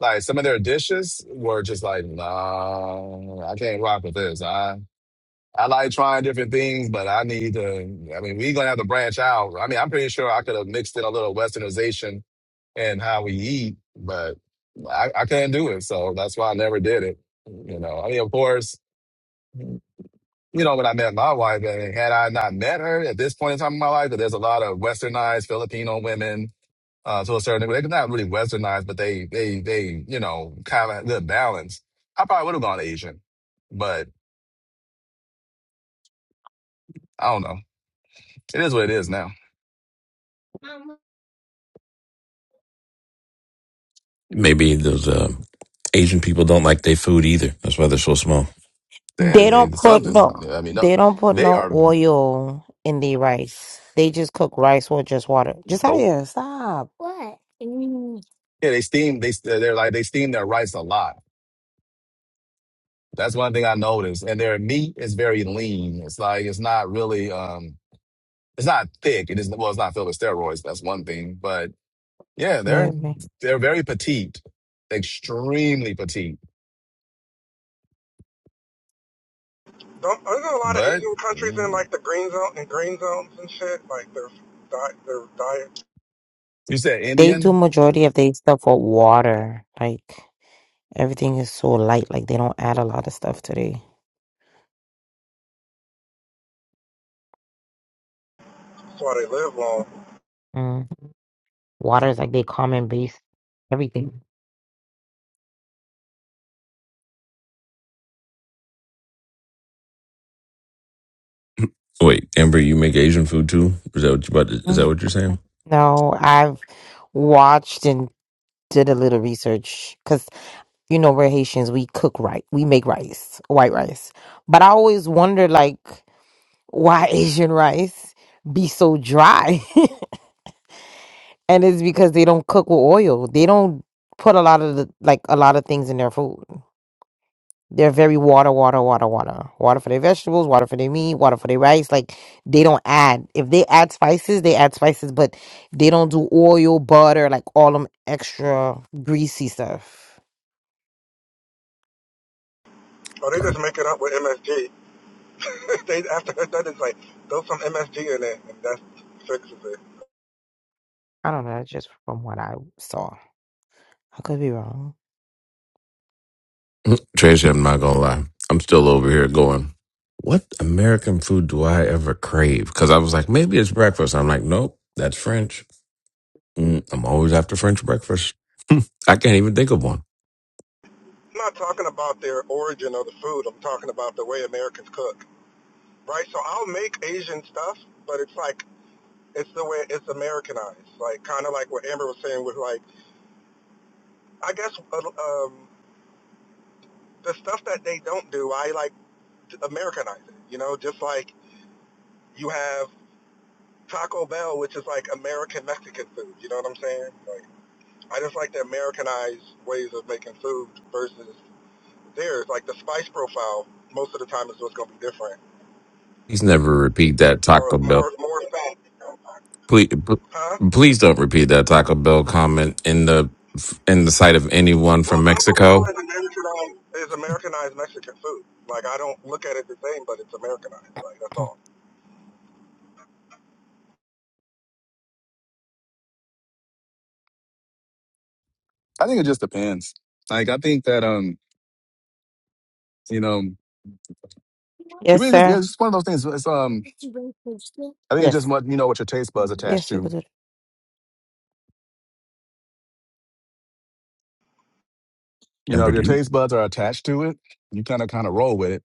like some of their dishes were just like, nah, I can't rock with this. I I like trying different things, but I need to. I mean, we gonna have to branch out. I mean, I'm pretty sure I could have mixed in a little Westernization and how we eat, but I, I couldn't do it. So that's why I never did it. You know, I mean, of course you know, when I met my wife, I mean, had I not met her at this point in time in my life, 'cause there's a lot of westernized Filipino women uh, to a certain degree. They're not really westernized, but they, they, they, you know, kind of good balance. I probably would have gone Asian, but I don't know. It is what it is now. Maybe those uh, Asian people don't like their food either. That's why they're so small. They, They they, don't put something. no. I mean, no, They don't put they no are oil in the rice. They just cook rice with just water. Just out dope. here, stop, Yeah, they steam. They they're like they steam their rice a lot. That's one thing I noticed. And their meat is very lean. It's like it's not really um it's not thick. It is well, it's not filled with steroids. That's one thing, but Yeah, they're Maybe they're very petite, extremely petite. Don't, there's a lot of But Asian countries in mm, like the green zone and green zones and shit. Like their diet, their diet, you said They do Indian? majority of their stuff with water. Like everything is so light. Like they don't add a lot of stuff today. that's why they live long. Mm. Water is like they common base everything. Wait, Amber, you make Asian food too? Is that what you about? to- Is that what you're saying? No, I've watched and did a little research because you know we're Haitians. We cook right. We make rice, white rice. But I always wonder, like, why Asian rice be so dry? and it's because they don't cook with oil. They don't put a lot of the like a lot of things in their food. They're very water, water, water, water. Water for their vegetables, water for their meat, water for their rice. Like they don't add. If they add spices, they add spices, but they don't do oil, butter, like all them extra greasy stuff. Or they just make it up with MSG. they after her that is like throw some MSG in it, and that fixes it. I don't know. That's just from what I saw. I could be wrong. Tracy, I'm not gonna lie. I'm still over here going, what American food do I ever crave? Because I was like, maybe it's breakfast. I'm like, nope, that's French. Mm, I'm always after French breakfast. I can't even think of one. I'm not talking about their origin of the food. I'm talking about the way Americans cook, right? So I'll make Asian stuff, but it's like it's the way it's Americanized, like kind of like what Amber was saying with like I guess uh, um, the stuff that they don't do, I like Americanize it. You know, just like you have Taco Bell, which is like American Mexican food. You know what I'm saying? Like I just like the Americanized ways of making food versus theirs. Like the spice profile, most of the time is what's going to be different, He's never repeat that or Taco Bell. more more fat. Please, Huh? please don't repeat that Taco Bell comment in the in the sight of anyone Well, from Taco Bell Mexico. is Americanized is Americanized Mexican food. Like I don't look at it the same, but it's Americanized. Like that's Oh. all. I think it just depends. Like I think that um, you know, it Yes, really just yeah, sir. it's just one of those things. It's um, I think it's just Yes. what you know what your taste buds attached Yes, you could to. do that. You know, Amber, if your do you? taste buds are attached to it, you kind of kind of roll with it.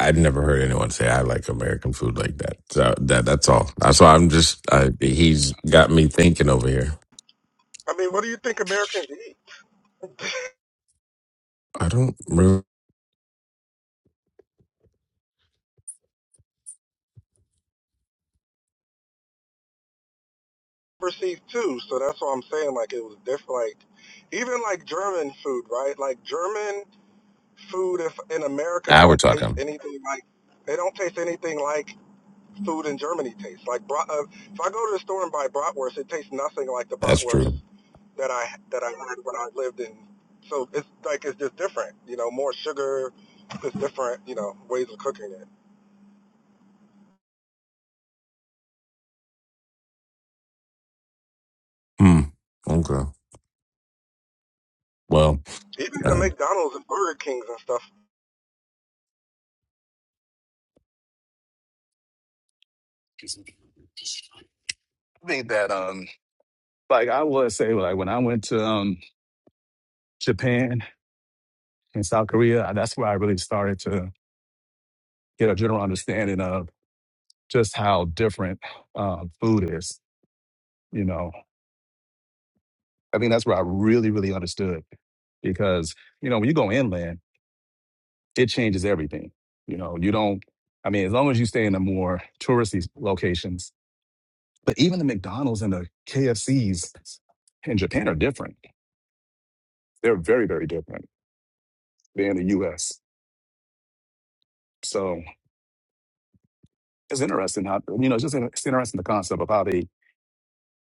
I've never heard anyone say I like American food like that. So that that's all. Uh, So I'm just I, he's got me thinking over here. I mean, what do you think Americans eat? I don't really. Overseas too, so that's what I'm saying. Like it was different. Like even like German food, right? Like German food, if in America Now we're don't taste talking. anything like they don't taste anything like food in Germany tastes. Like brat, uh, if I go to the store and buy bratwurst, it tastes nothing like the That's bratwurst true. that I that I had when I lived in. So it's like it's just different, you know, more sugar, just different, you know, ways of cooking it. Hmm. Okay. Well, Even the uh, McDonald's and Burger Kings and stuff. I think that um, like I would say, like when I went to um Japan and South Korea, that's where I really started to get a general understanding of just how different uh, food is. You know, I think that's where I really, really understood because, you know, when you go inland, it changes everything. You know, you don't, I mean, as long as you stay in the more touristy locations, but even the McDonald's and the KFCs in Japan are different. They're very, very different than in the US. So it's interesting how, you know, it's just in- it's interesting the concept of how they,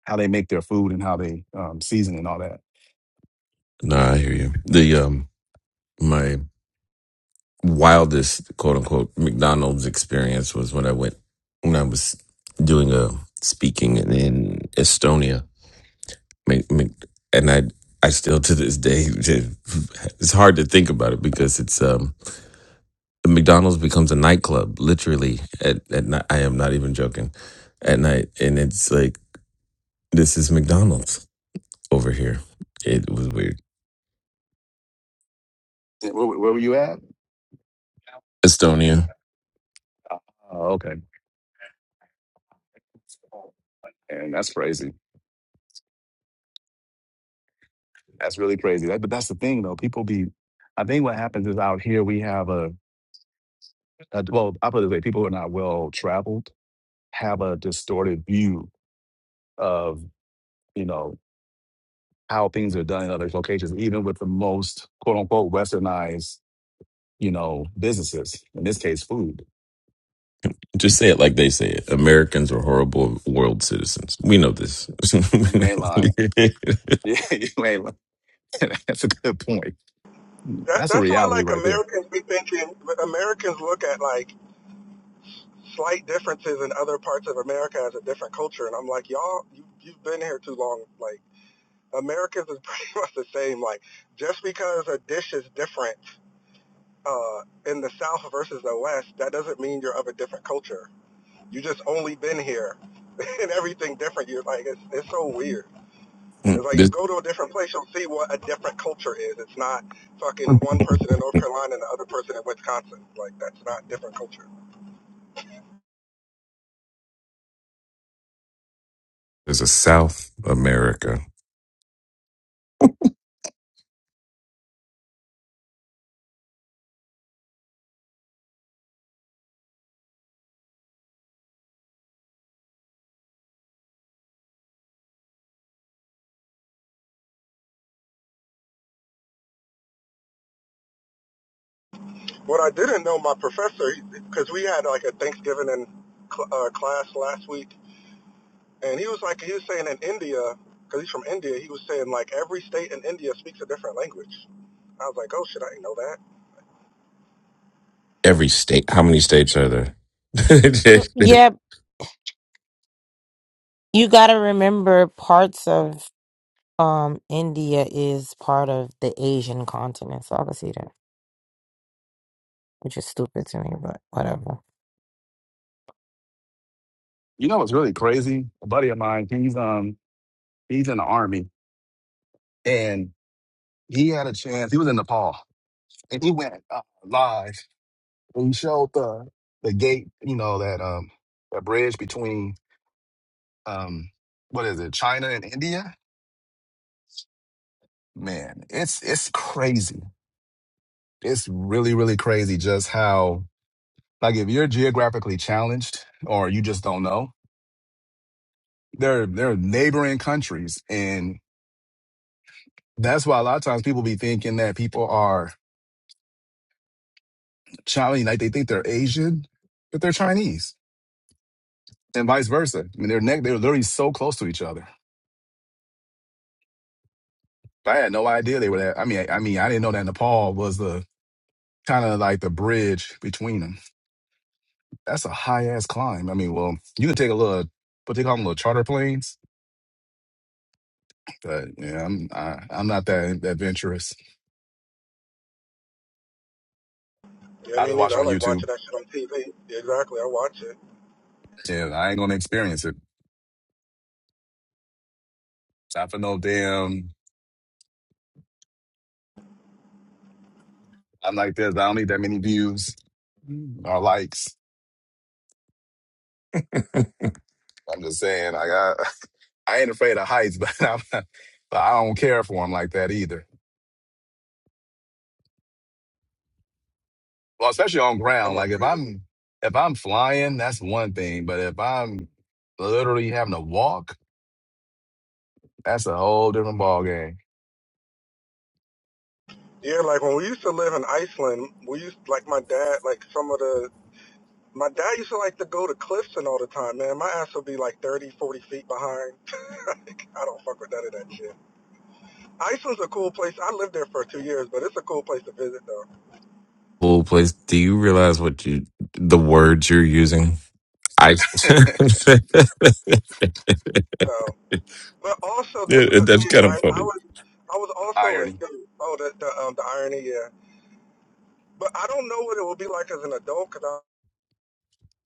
how they make their food and how they um, season and all that. no, I hear you. The um, my wildest quote unquote McDonald's experience was when I went when I was doing a speaking in, in Estonia, Mc- Mc- and I I still to this day it's hard to think about it because it's um the McDonald's becomes a nightclub literally at at night. I am not even joking at night, and it's like this is McDonald's over here. It was weird. Where, where were you at? Estonia Oh, okay. And that's crazy. That's really crazy. That, but that's the thing, though. People be, I think what happens is out here we have a, a well, I put it this way: people who are not well traveled have a distorted view of you know how things are done in other locations, even with the most quote unquote westernized, you know, businesses. In this case, food. Just say it like they say it. Americans are horrible world citizens. We know this. You ain't lying. Yeah, you ain't lying. That's a good point. That That's a that's why reality like right there. Americans be thinking Americans look at like slight differences in other parts of America as a different culture, and I'm like, y'all, you, you've been here too long. Like Americans is pretty much the same. Like just because a dish is different uh, in the South versus the West, that doesn't mean you're of a different culture. You just only been here, and everything different. You're like, it's it's so weird. It's like you this go to a different place, you'll see what a different culture is. It's not fucking one person in North Carolina and the other person in Wisconsin. Like that's not different culture. is a South America. What I didn't know, my professor, because we had like a Thanksgiving and cl- uh, class last week, and he was like, he was saying in India, because he's from India, he was saying like every state in India speaks a different language. I was like, oh shit, I didn't know that. Every state. How many states are there? Yeah, you got to remember parts of um India is part of the Asian continent, so I can see that. which is stupid to me, but whatever. You know what's really crazy? A buddy of mine, he's um he's in the army and he had a chance. He was in Nepal and he went uh, live and he showed the the gate, you know, that um that bridge between um what is it, China and India? Man, it's it's crazy it's really really crazy just how like if you're geographically challenged or you just don't know they're they're neighboring countries and that's why a lot of times people be thinking that people are Chinese like they think they're Asian but they're Chinese and vice versa I mean they're ne- they're literally so close to each other I had no idea they were that I mean I, I mean I didn't know that Nepal was the kind of like the bridge between them that's a high ass climb I mean well you can take a little but they call them little charter planes But yeah, I'm I, I'm not that adventurous. Yeah, I me just watch neither. I on like watching YouTube, that shit on TV. Yeah, exactly. I watch it. Yeah, I ain't gonna experience it. Not for no damn. I'm like this. I don't need that many views or likes. I'm just saying. Like I, I ain't afraid of heights, but I'm, but I don't care for them like that either. Well, especially on I'm ground. Like if afraid of it. I'm if I'm flying, that's one thing. But if I'm literally having to walk, that's a whole different ball game. Yeah, like when we used to live in Iceland, we used like my dad, like some of the my dad used to like to go to cliffs and all the time, man. My ass would be like 30, 40 feet behind. I don't fuck with none of that shit. Iceland's a cool place. I lived there for two years, but it's a cool place to visit though. Whole place. Do you realize what you the words you're using? I. No. But also this is Yeah, the that's thing, kind of right? I funny. was I was also a, Irony. oh the the um the irony, yeah. But I don't know what it will be like as an adult adult 'cause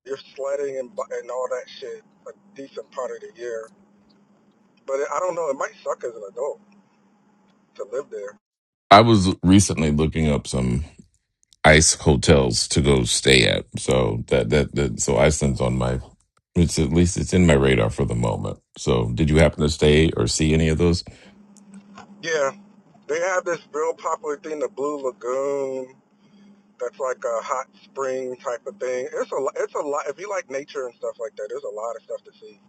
You're sledding and, and all that shit a decent part of the year. But I don't know. It might suck as an adult to live there. I was recently looking up some ice hotels to go stay at. So that that, that so Iceland's on my it's at least it's in my radar for the moment. So did you happen to stay or see any of those? Yeah, they have this real popular thing, the Blue Lagoon. That's like a hot spring type of thing. It's a it's a lot. If you like nature and stuff like that, there's a lot of stuff to see.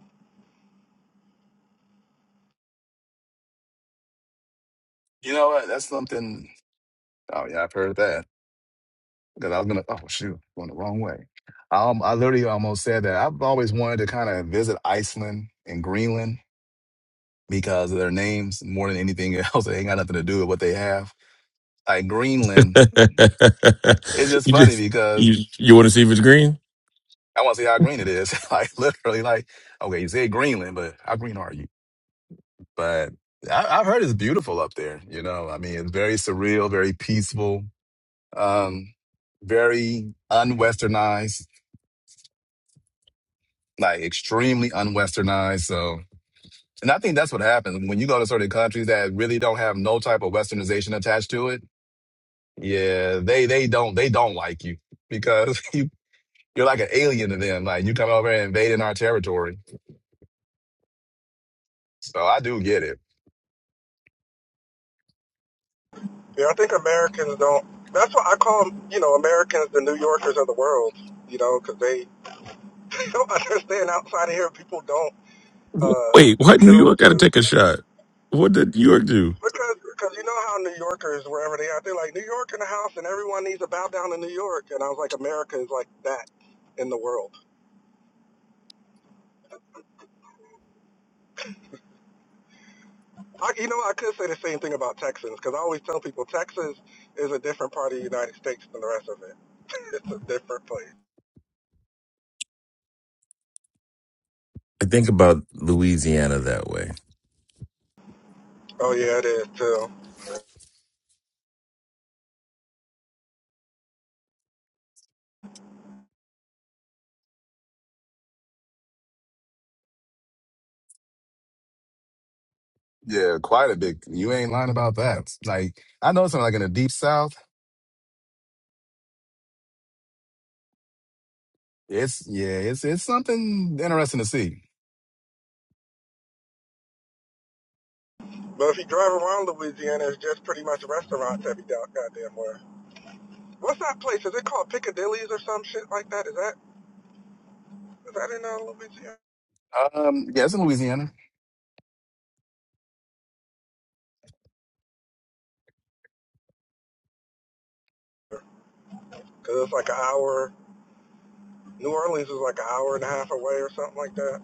You know what? That's something. Oh yeah, I've heard that. Because I was gonna, oh shoot, going the wrong way. Um, I literally almost said that. I've always wanted to kind of visit Iceland and Greenland because of their names more than anything else. It ain't got nothing to do with what they have. Like Greenland, it's just you funny just because you you want to see if it's green? I want to see how green it is. like literally, like okay, you say Greenland, but how green are you? But I, I've heard it's beautiful up there. You know, I mean, it's very surreal, very peaceful, um, very unwesternized, like extremely unwesternized. So And I think that's what happens when you go to certain countries that really don't have no type of westernization attached to it. Yeah, they they don't they don't like you because you you're like an alien to them. Like you come over and invading our territory. So I do get it. Yeah, I think Americans don't. That's why I call you know Americans the New Yorkers of the world. You know, because they, they don't understand outside of here. People don't uh, Wait, why New York herald got to you take a shot? What did New York do? Because, because you know how New Yorkers, wherever they are, they're like New York in the house, and everyone needs to bow down to New York. And I was like, America is like that in the world. I, you know, I could say the same thing about Texans because I always tell people Texas is a different part of the United States than the rest of it. It's a different place. I think about Louisiana that way. Oh yeah, it is too. Yeah, quite a big. You ain't lying about that. Like I know something like in the deep south. It's yeah, it's it's something interesting to see. But if you drive around Louisiana, it's just pretty much restaurants every go- goddamn where. What's that place? Is it called Piccadilly's or some shit like that? Is that is that in uh, Louisiana? Um, yeah, it's in Louisiana. Because it's like an hour New Orleans is like an hour and a half away or something like that.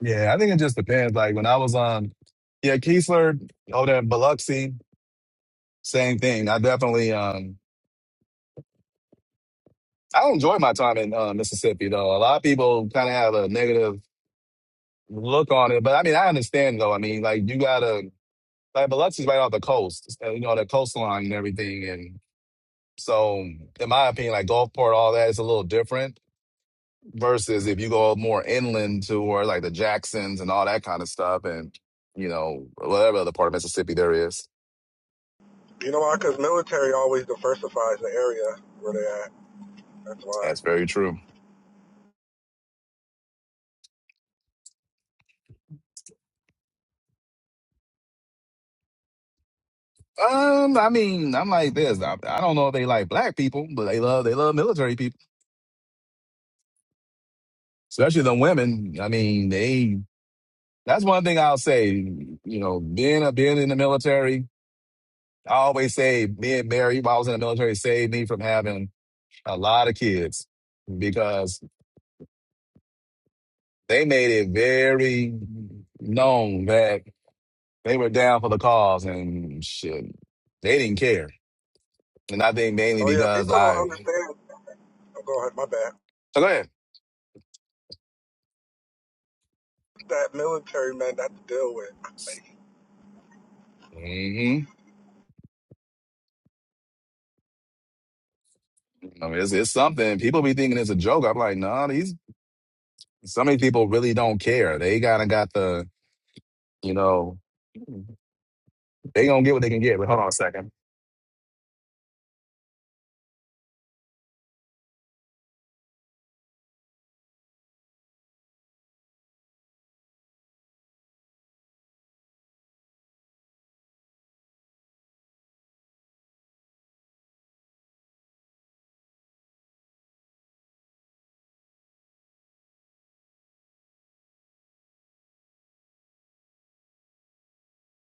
Yeah, I think it just depends. Like when I was um, yeah, Keesler over there in Biloxi, same thing. I definitely um I enjoy my time in uh, Mississippi, though. A lot of people kind of have a negative look on it, but I mean, I understand, though. I mean, like you gotta like Biloxi's right off the coast, uh, you know, the coastline and everything, and so in my opinion, like Gulfport, all that is a little different versus if you go more inland to where like the Jacksons and all that kind of stuff, and you know, whatever other part of Mississippi there is. You know why? Because military always diversifies the area where they at. That's why. That's very true. Um, I mean, I'm like this. I, I don't know if they like black people, but they love they love military people. especially the women. I mean, they. That's one thing I'll say. You know, being a being in the military, I always say being married while I was in the military saved me from having a lot of kids because they made it very known that they were down for the cause and shit. They didn't care, and I think mainly Oh yeah, because people don't I. understand. Oh, go ahead, my bad. So go ahead. That military man not to deal with. hmm I mean, it's, it's something people be thinking it's a joke. I'm like, no, nah, these some of these people really don't care. They kind of got the You know, they gonna get what they can get. But hold on a second.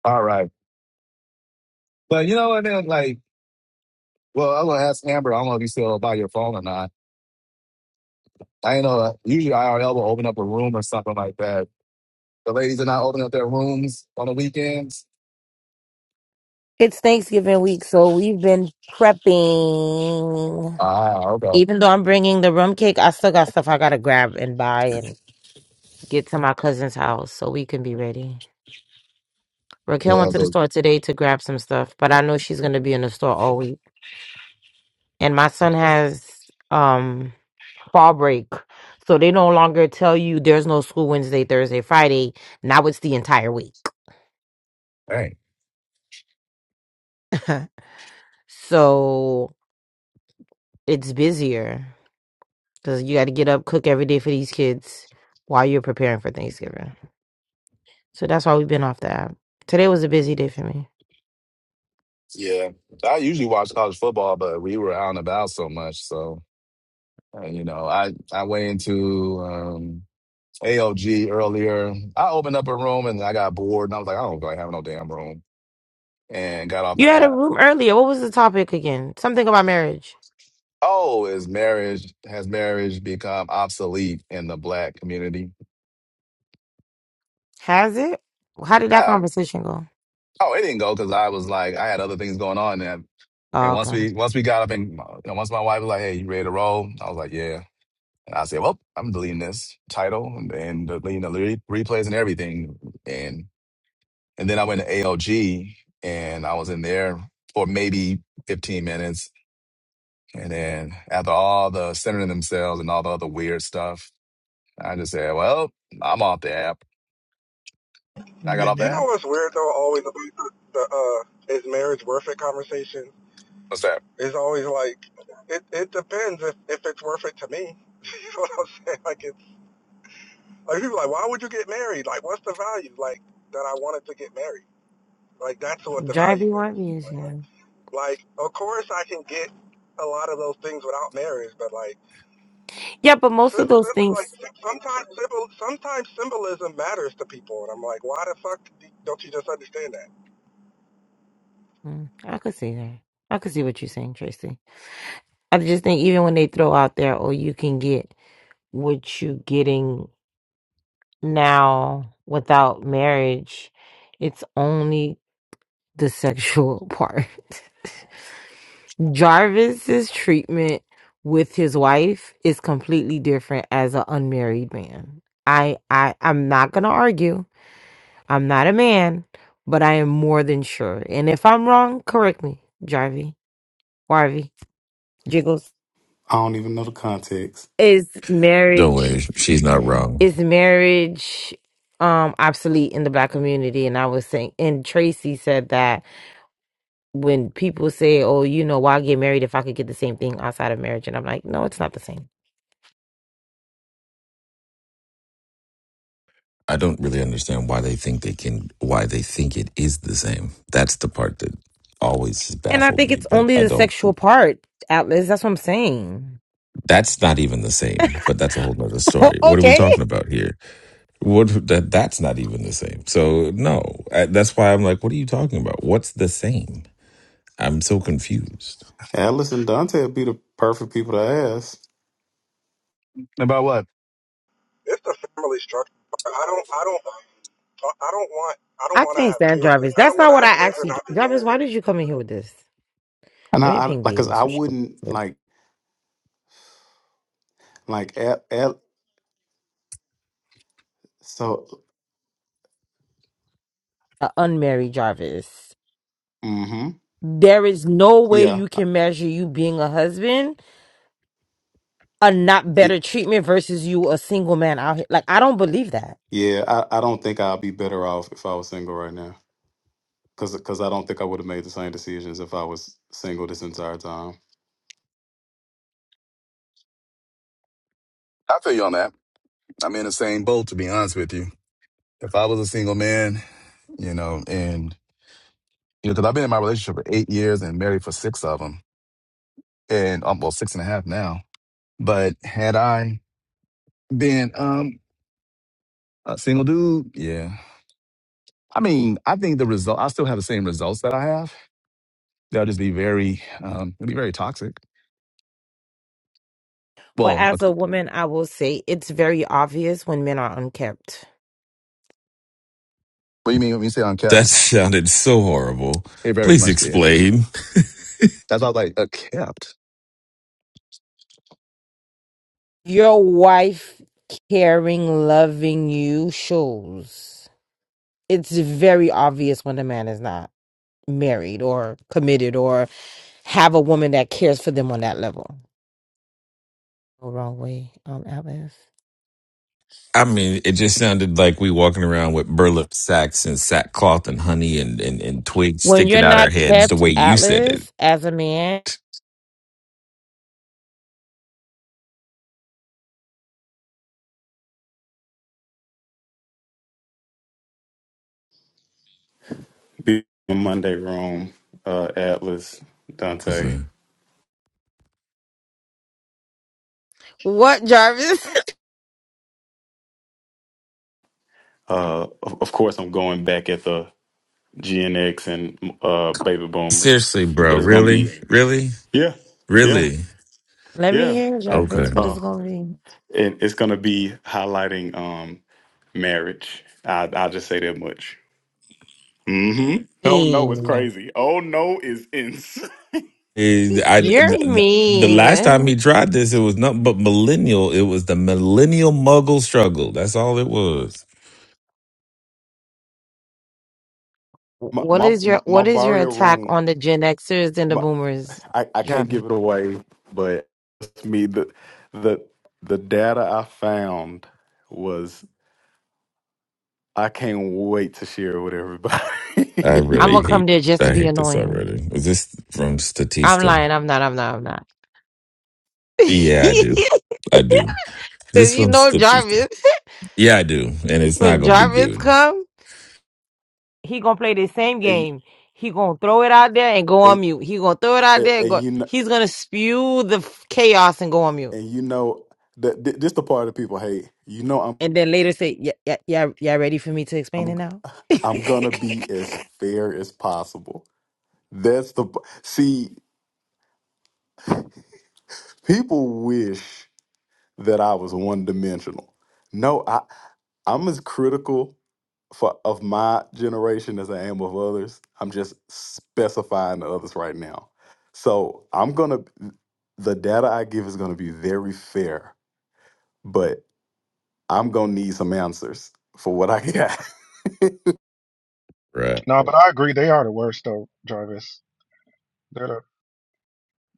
All right. But you know what? Then like, well, I'm gonna ask Amber. I don't know if you still by your phone or not. I ain't know. uh, Usually, IRL will open up a room or something like that. The ladies are not opening up their rooms on the weekends. It's Thanksgiving week, so we've been prepping. Ah, okay. Even though I'm bringing the rum cake, I still got stuff I gotta grab and buy and get to my cousin's house so we can be ready. Raquel Yeah. went to the So, store today to grab some stuff, but I know she's gonna be in the store all week. and my son has um fall break so they no longer tell you there's no school wednesday thursday friday now it's the entire week dang. so it's busier because you got to get up cook every day for these kids while you're preparing for thanksgiving So that's why we've been off the app. Today was a busy day for me. Yeah, I usually watch college football, but we were out and about so much, so uh, you know, I I went into um, ALG earlier. I opened up a room and I got bored, and I was like, I don't feel like having no damn room. and got off You the had a app. room earlier. What was the topic again? Something about marriage. Oh, is marriage has marriage become obsolete in the black community? Has it? How did that Um, conversation go? oh, it didn't go because I was like I had other things going on, and Oh, and okay. once we once we got up and you know, once my wife was like, "Hey, you ready to roll?" I was like, "Yeah." And I said, "Well, I'm deleting this title and, and deleting the re- replays and everything." And and then I went to ALG and I was in there for maybe 15 minutes, and then after all the centering themselves and all the other weird stuff, I just said, well, I'm off the app. I You, got off you the Mm-hmm. know app. what's weird though? Always about the, the uh, is marriage worth it conversation. What's that? It's always like it. It depends if if it's worth it to me. you know what I'm saying? Like it's like people are like, why would you get married? Like what's the value? Like that I wanted to get married. Like that's what the Drive value you want is. Like. music. Like, of course I can get a lot of those things without marriage, but like, Yeah, but most of si-, those si-, like things si-, sometimes sometimes symbolism matters to people, and I'm like, why the fuck don't you just understand that? Mm, I could see that. I could see what you're saying, Tracy. I just think even when they throw out there, oh, you can get what you getting now without marriage, it's only the sexual part. Jarvis's treatment with his wife is completely different as an unmarried man. I, I I'm not gonna argue. I'm not a man, but I am more than sure. And if I'm wrong, correct me, Jarvie, Warvie, Jiggles. I don't even know the context. is Don't worry, marriage she's not wrong. is marriage um obsolete in the black community and i was saying and tracy said that when people say oh you know why get married if i could get the same thing outside of marriage and i'm like no it's not the same I don't really understand why they think they can, why they think it is the same. That's the part that always has and i baffled think me, it's but only I the don't. sexual part atlas that's what i'm saying That's not even the same, but that's a whole nother story. What are we okay talking about here? What that that's not even the same. So no, I, that's why I'm like, what are you talking about? What's the same? I'm so confused. Alice and Dante would be the perfect people to ask. About what? It's the family structure. I don't, I don't, I don't want, I don't i want to can't have stand kids. jarvis I don't that's want not to what i have kids and actually not be jarvis why married. did you come in here with this And I, let me I ping like, cause diego I so she can wouldn't like, like, Al, Al, so, a unmarried jarvis mm-hmm, there is no way yeah, you I- can measure you being a husband a not y- better treatment versus you a single man out here. Like I don't believe that. yeah. I, I don't think I'd be better off if I was single right now, cause, cause I don't think I would have made the same decisions if I was single this entire time. I feel you on that. I'm in the same boat, to be honest with you. If I was a single man, you know, and, you know, because I've been in my relationship for eight years and married for six of them, and, um, well, six and a half now. But had I been um, a single dude, yeah. I mean, I think the result, I still have the same results that I have. They'll just be very, um, it'll be very toxic. But Well, uh, as a woman, I will say it's very obvious when men are unkept. what do you mean when you say That uncapped? sounded so horrible. It very Please much did explain. That's why I'm like, uh, capped. Your wife caring, loving you shows. It's very obvious when a man is not married or committed or have a woman that cares for them on that level. Go wrong way, um, Atlas. I mean, it just sounded like we walking around with burlap sacks and sackcloth and honey and, and, and twigs When sticking you're out our not heads the kept, way you said it. Atlas, as a man, Be in Monday room, uh, Atlas, It's Dante. what Jarvis? Uh, of, of course, I'm going back at the Gen X and uh, baby boomers, Seriously, bro. but it's gonna Really? be, Really? yeah, yeah. Really? Let me Yeah. hear Jarvis. What Okay. Uh, it's gonna be? and it's going to be highlighting um, marriage. I, I'll just say that much. Mm-hmm. Oh, no, it's mean. crazy. Oh, no, is insane. Eh, I, You're the the last time mean. he tried this, it was nothing but millennial. It was the millennial muggle struggle. That's all it was. My, What my, is my, your my what is your barrio attack room, on the Gen Xers and the my, boomers, I, I can't Jarvis? give it away, but it's me, the, the, the data I found was I can't wait to share it with everybody. I I'm really gonna hate, come there just to I be hate this annoying. already. Is this from I'm Statista? lying, I'm not, I'm not, I'm not. Yeah, I do. I Cause do. Is this you from know Statista? Jarvis. Yeah, I do, and it's not When gonna be Jarvis good. come, he gonna play the same and, you- game. He gonna throw it out there and go and, on mute. He gonna throw it out and, there and and go you know, he's gonna spew the f- chaos and go on mute. and you know, that this the part that people hate. You know, I'm and then later say, "Yeah, yeah, yeah, y'all ready for me to explain I'm. it now?" I'm gonna be as fair as possible. That's the see. People wish that I was one dimensional. No, I I'm as critical for of my generation as I am of others. I'm just specifying the others right now. So I'm gonna the data I give is gonna be very fair, but I'm gonna need some answers for what I got. Right. No, but I agree. They are the worst, though, Jarvis. They're the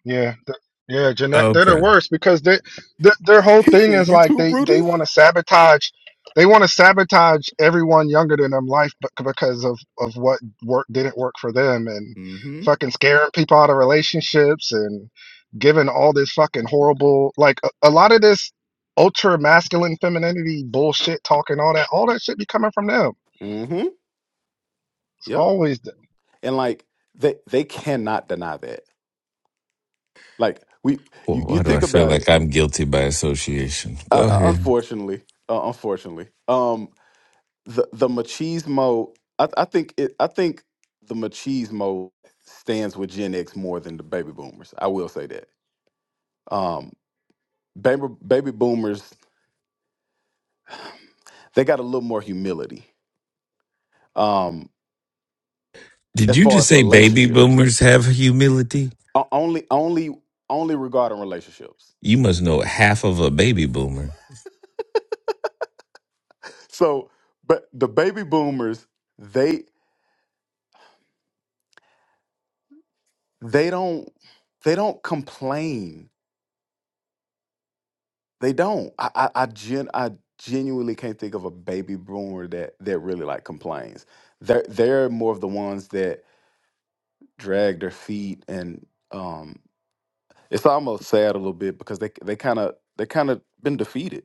Yeah, th- yeah, Jeanette, they're the Okay. worst because they, th- their whole he thing said, is "You like too, they they Brutus." want to sabotage, they want to sabotage everyone younger than them life, but because of of what work didn't work for them and Mm-hmm. fucking scaring people out of relationships and giving all this fucking horrible like a, a lot of this ultra masculine femininity bullshit talking all that all that shit be coming from them. Mm-hmm. It's Yep. always and like they they cannot deny that like we Well, you, you why do I think feel about like it I'm guilty by association? Go uh, uh, ahead. unfortunately uh, unfortunately um the the machismo I, I think it i think the machismo stands with gen x more than the baby boomers i will say that um baby baby boomers they got a little more humility um Did as you far just as say baby relationships boomers have humility? O- only only only regarding relationships You must know half of a baby boomer. so but the baby boomers they they don't they don't complain. They don't. I I, I gen I genuinely can't think of a baby boomer that that really like complains. They're they're more of the ones that drag their feet and um it's almost sad a little bit because they they kind of they kind of been defeated.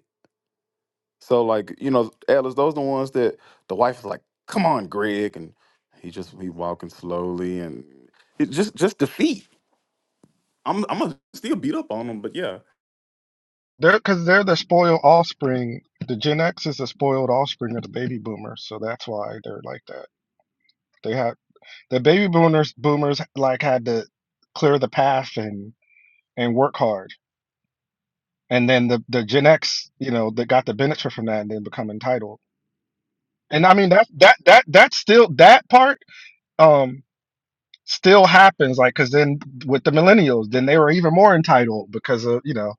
So like you know, Atlas, those the ones that the wife is like, "Come on, Greg," and he just he walking slowly and it just just defeat. I'm I'm gonna still beat up on him, but yeah, They're because they're the spoiled offspring. The Gen X is the spoiled offspring of the baby boomers, so that's why they're like that. They had the baby boomers boomers like had to clear the path and and work hard, and then the the Gen X, you know, that got the benefit from that and then become entitled. And I mean that that that that's still that part um still happens like because then with the millennials then they were even more entitled because of you know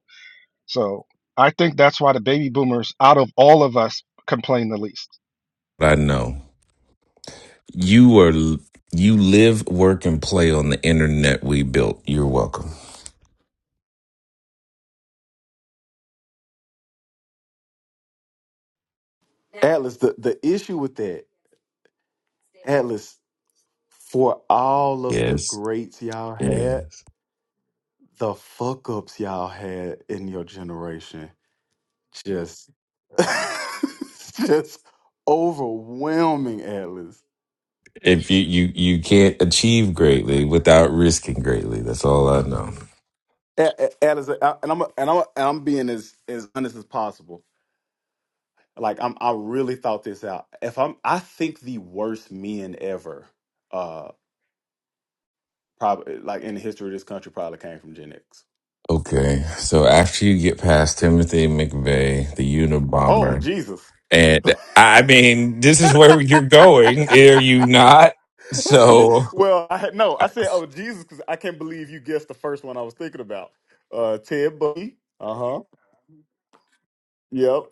so I think that's why the baby boomers out of all of us complain the least I know. You are you live, work, and play on the internet we built. You're welcome. Atlas, the, the issue with that, Atlas, for all of the Yes. greats y'all had, Yes. the fuck ups y'all had in your generation, just, just overwhelming, Atlas. If you you you can't achieve greatly without risking greatly. That's all I know. A- A- Atlas, I, and I'm and I'm and I'm being as as honest as possible. Like I'm, I really thought this out. If I'm, I think the worst men ever, uh, probably like in the history of this country, probably came from Gen X. Okay, so after you get past Timothy McVeigh, the Oh Unabomber, Jesus. and I mean, this is where you're going, are you not? So, well, I had- no, I said, oh Jesus, because I can't believe you guessed the first one I was thinking about. Uh, Ted Bundy. Uh huh. Yep.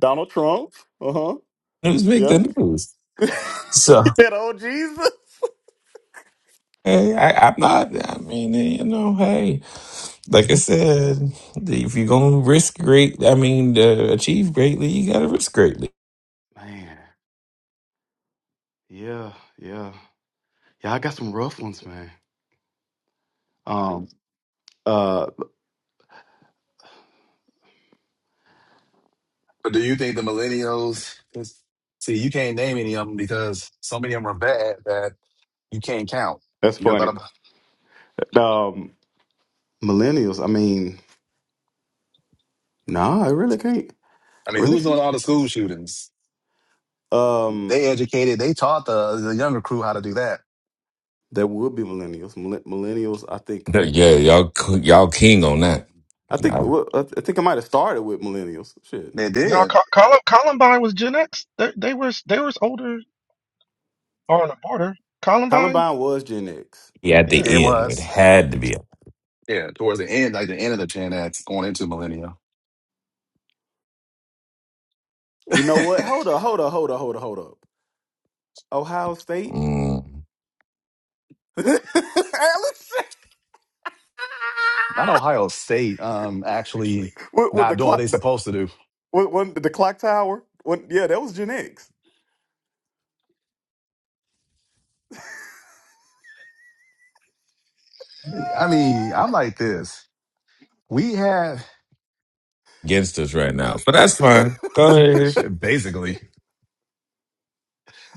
Donald Trump. Uh huh. news make the Yep. news. So, that old Jesus. hey, I, I'm not, I mean, eh, you know, hey, like I Yeah. said, if you're going to risk great, I mean, uh, achieve greatly, you got to risk greatly. Man. Yeah. Yeah. Yeah. I got some rough ones, man. Um. Uh. But do you think the millennials? 'cause, See, you can't name any of them because so many of them are bad that you can't count. That's You ever thought funny. about? Um. Millennials. I mean, nah, I really can't. I I mean, really who's doing can't. all the school shootings? Um. They educated. They taught the the younger crew how to do that. there would be millennials. Mille- Millennials. I think Yeah, y'all, y'all king on that. I think Y'all, well, I I think I might have started with millennials. Shit. They No, did. Col- Col- Columbine was Gen X. They, they were they was older or on the border. Columbine, Columbine was Gen X. yeah, at yeah. It the end, it was had to be. Yeah, towards the end, like the end of the Gen X, going into millennia. You know what? Hold up, hold up, hold up, hold up, hold up. Ohio State? Mm. Allen State? Not Ohio State um actually with, with the not doing what clock they the, supposed to do. with, when, the clock tower? When, yeah, that was Gen X. I mean, I'm like this. We have against us right now, but that's fine. Go ahead. shit, basically,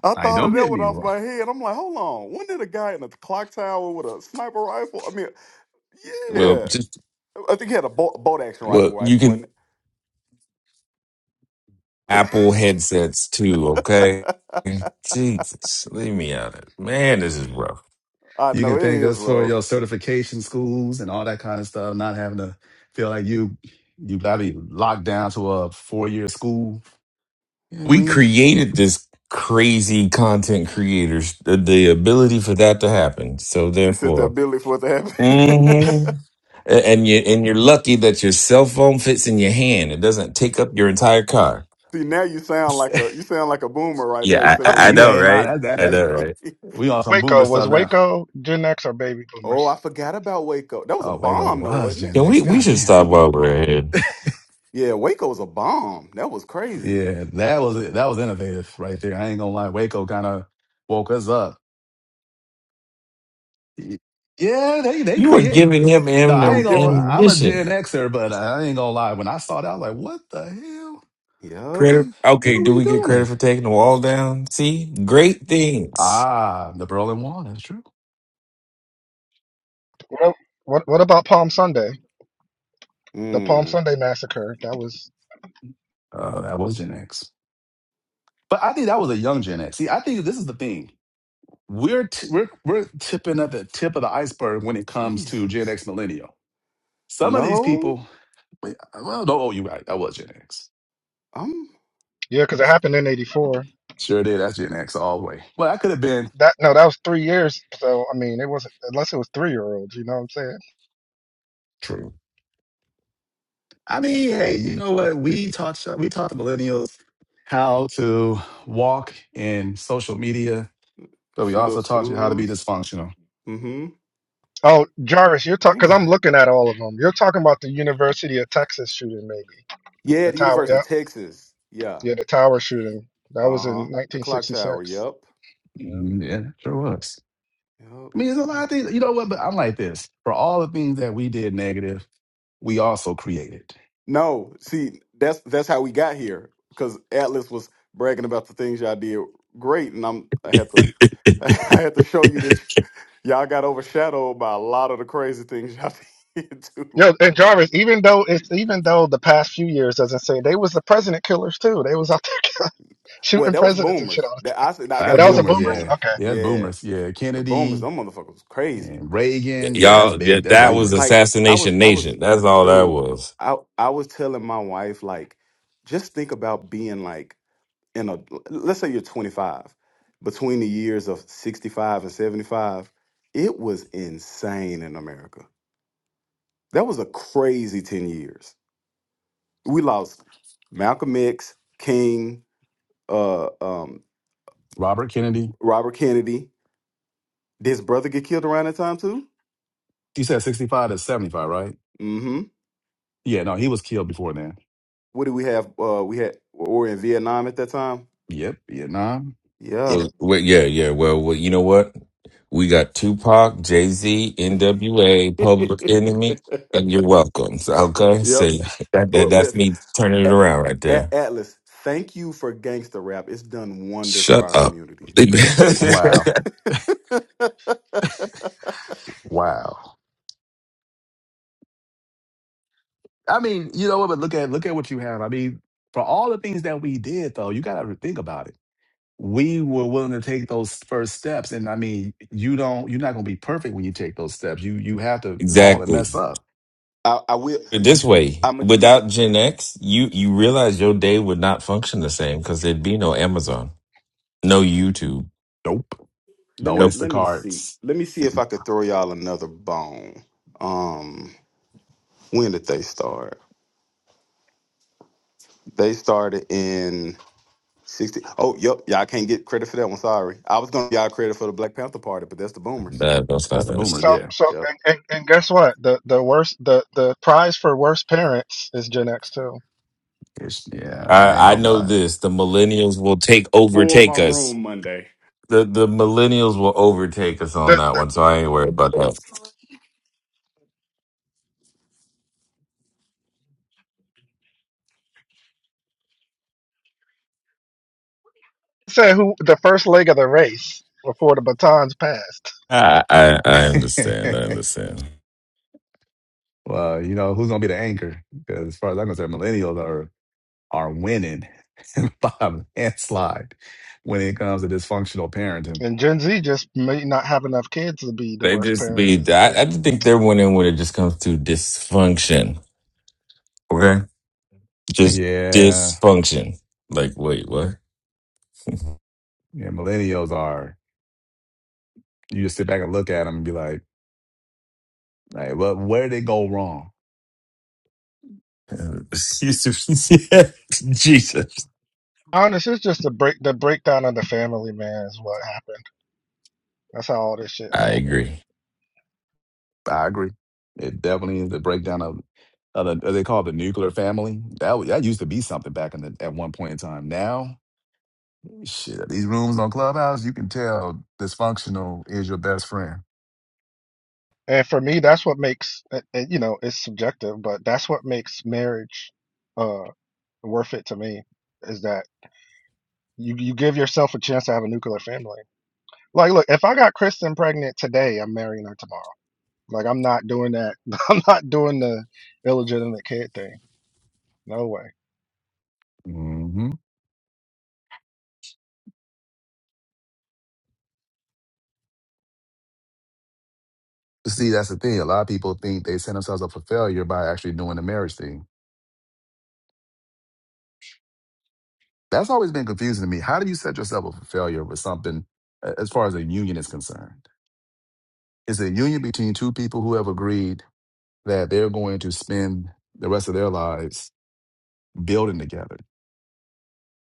I like, thought of don't that get one me off wrong. my head. I'm like, hold on. Wasn't it a guy in a clock tower with a sniper rifle? I mean, Well, yeah. just I think he had a bolt, bolt action well, rifle, right? you can When Apple headsets too. Okay. Jesus, leave me out of it, man. This is rough. I You know can it thank is us for rough. your certification schools and all that kind of stuff, not having to feel like you you gotta be locked down to a four year school. Yeah, We we created this crazy content creators the, the ability for that to happen. So It's just the therefore, ability for it to hmm happen. a- and you and you're lucky that your cell phone fits in your hand. It doesn't take up your entire car. See, now you sound like a you sound like a boomer right now. You're Yeah, I, What saying up- I we're I you know, lucky. ain't right? lying. That, that I that know, right? we on some boomer Waco was stuff now. Waco Gen X or baby oh, I boomers? forgot about Waco. That was a Oh, Wago bomb, though, was wasn't it? Gen Can we X. we God should damn. stop while we're ahead. Yeah, Waco was a bomb. That was crazy. Yeah, that was that was innovative right there. I ain't gonna lie, Waco kind of woke us up. Yeah, they they You are create. giving him No, am- I ain't Don't am- give gonna. them. I'm a ammunition. Gen Xer, but I ain't gonna lie. When I saw that, I was like, "What the hell? Yep. Credit. Like, what Okay, are do we we get doing?" credit for taking the wall down? See, great things, Ah, the Berlin Wall. That's true. What up- what what about Palm Sunday? The Palm Mm. Sunday massacre. That was Uh, that was Gen X, but I think that was a young Gen X. See, I think this is the thing. We're t- we're we're tipping at the tip of the iceberg when it comes to Gen Jesus. X millennial. Some of these No. people, wait, well, no, oh, you right. That was Gen X I'm yeah, because it happened in '84. Sure did. That's Gen X all the way. Well, I could have been. That no, that was three years. So I mean, it wasn't unless it was three year olds. You know what I'm saying? True. I mean, hey, you know what? We taught we taught the millennials how to walk in social media, but we shoot up also taught you how to be schools. dysfunctional. Mm-hmm. Oh, Jarvis, you're talking because I'm Man. looking at all of them. You're talking about the University of Texas shooting, maybe Yeah, the the tower. University Yeah, of Texas. Yeah. yeah, the tower shooting. That was Uh-huh. in The clock tower. 1966. Yep. Mhm, Yeah, that sure was. I mean, there's a Yep. lot of things. You know what? But I'm like this. For all the things that we did negative, we also created. No, see, that's that's how we got here because Atlas was bragging about the things y'all did great, and I'm I had to I had to show you that y'all got overshadowed by a lot of the crazy things y'all did too. Yo, and Jarvis, even though it's even though the past few years doesn't say they was the president killers too. They was out there Well, shooting that was presidents and shit boomers. all the That time. I said I Ah, got But to That's that get was the up to boomers, the boomers. yeah. boomers. Okay. Yeah, that's Yeah, boomers. Yeah. the boomers, Kennedy them motherfuckers was crazy. and Reagan. Yeah, that's y'all. Yeah, baby. That's that Like was boomers. like I was assassination I was nation. That's all that dude. was. I I was telling my wife like just think about being like in a let's say you're 25 between the years of 65 and 75 it was insane in america that was a crazy 10 years we lost malcolm x king uh um Robert Kennedy. robert kennedy did his brother get killed around that time too You said 65 to 75, right? mm-hmm Yeah, no, he was killed before then. what did we have uh we had we were in vietnam at that time Yep, Vietnam. yeah was well, yeah, yeah. Well, well, you know what? We got Tupac, Jay Z, NWA, Public Enemy, and you're welcome. So, okay, Yep. see that, that With that's with me turning it around right A- there. A- Atlas, thank you for gangster rap. It's done wonders for Shut our up. community. Wow. Wow. I mean, you know what, but look at look at what you have. I mean, for all the things that we did though, you gotta think about it. We were willing to take those first steps. And I mean, you don't you're not gonna be perfect when you take those steps. You you have to fall and exactly. mess up. I, I will. Put it This way, I'm gonna give you some. without Gen X, you you realize your day would not function the same because there'd be no Amazon, no YouTube, Nope. Let No me nope. let me see. Instacarts. Let me see if I could throw y'all another bone. Um, when did they start? They started in sixty. Oh, yep. Y'all can't get credit for that one. Sorry. I was gonna give y'all credit for the Black Panther Party, but that's the Boomers. Nah, that's That's not the boomers, us. So yeah. so Yep. and, and, and guess what? The the worst the the prize for worst parents is Gen X too. It's- yeah, I ain't I I gonna know this. The millennials will take Spoiled my overtake us. room Monday. The the millennials will overtake us on The that the one. So I ain't worried about that. say who the first leg of the race before the batons passed. I I, I lie. understand. I understand. well, you know, who's gonna be the anchor? 'Cause as far as I'm concerned, millennials are. are winning by a landslide when it comes to dysfunctional parenting. And Gen Z just may not have enough kids to be the They worst just parents. be. 'Cause there's- I, I just think they're winning when it just comes to dysfunction. Okay, just Yeah, dysfunction. Like, wait, what? yeah, millennials are. You just sit back and look at them and be like, "Hey, well, where did it go wrong?" Jesus, Honest, it's just the break the breakdown of the family, man, is what happened. That's how all this shit I happened. agree. I agree. It definitely is the breakdown of, of the, uh, they call it the nuclear family. That wa- that used to be something back in the, at one point in time. Now, shit, these rooms on Clubhouse, you can tell dysfunctional is your best friend. And for me, that's what makes, and- and, you know, it's subjective, but that's what makes marriage uh worth it to me is that you you give yourself a chance to have a nuclear family. Like, look, if I got Kristen pregnant today, I'm marrying her tomorrow. Like, I'm not doing that. I'm not doing the illegitimate kid thing. No way. hmm See, that's the thing. A lot of people think they set themselves up for failure by actually doing the marriage thing That's always been confusing to me. How do you set yourself up for failure with something a- as far as a union is concerned? It's a union between two people who have agreed that they're going to spend the rest of their lives building together,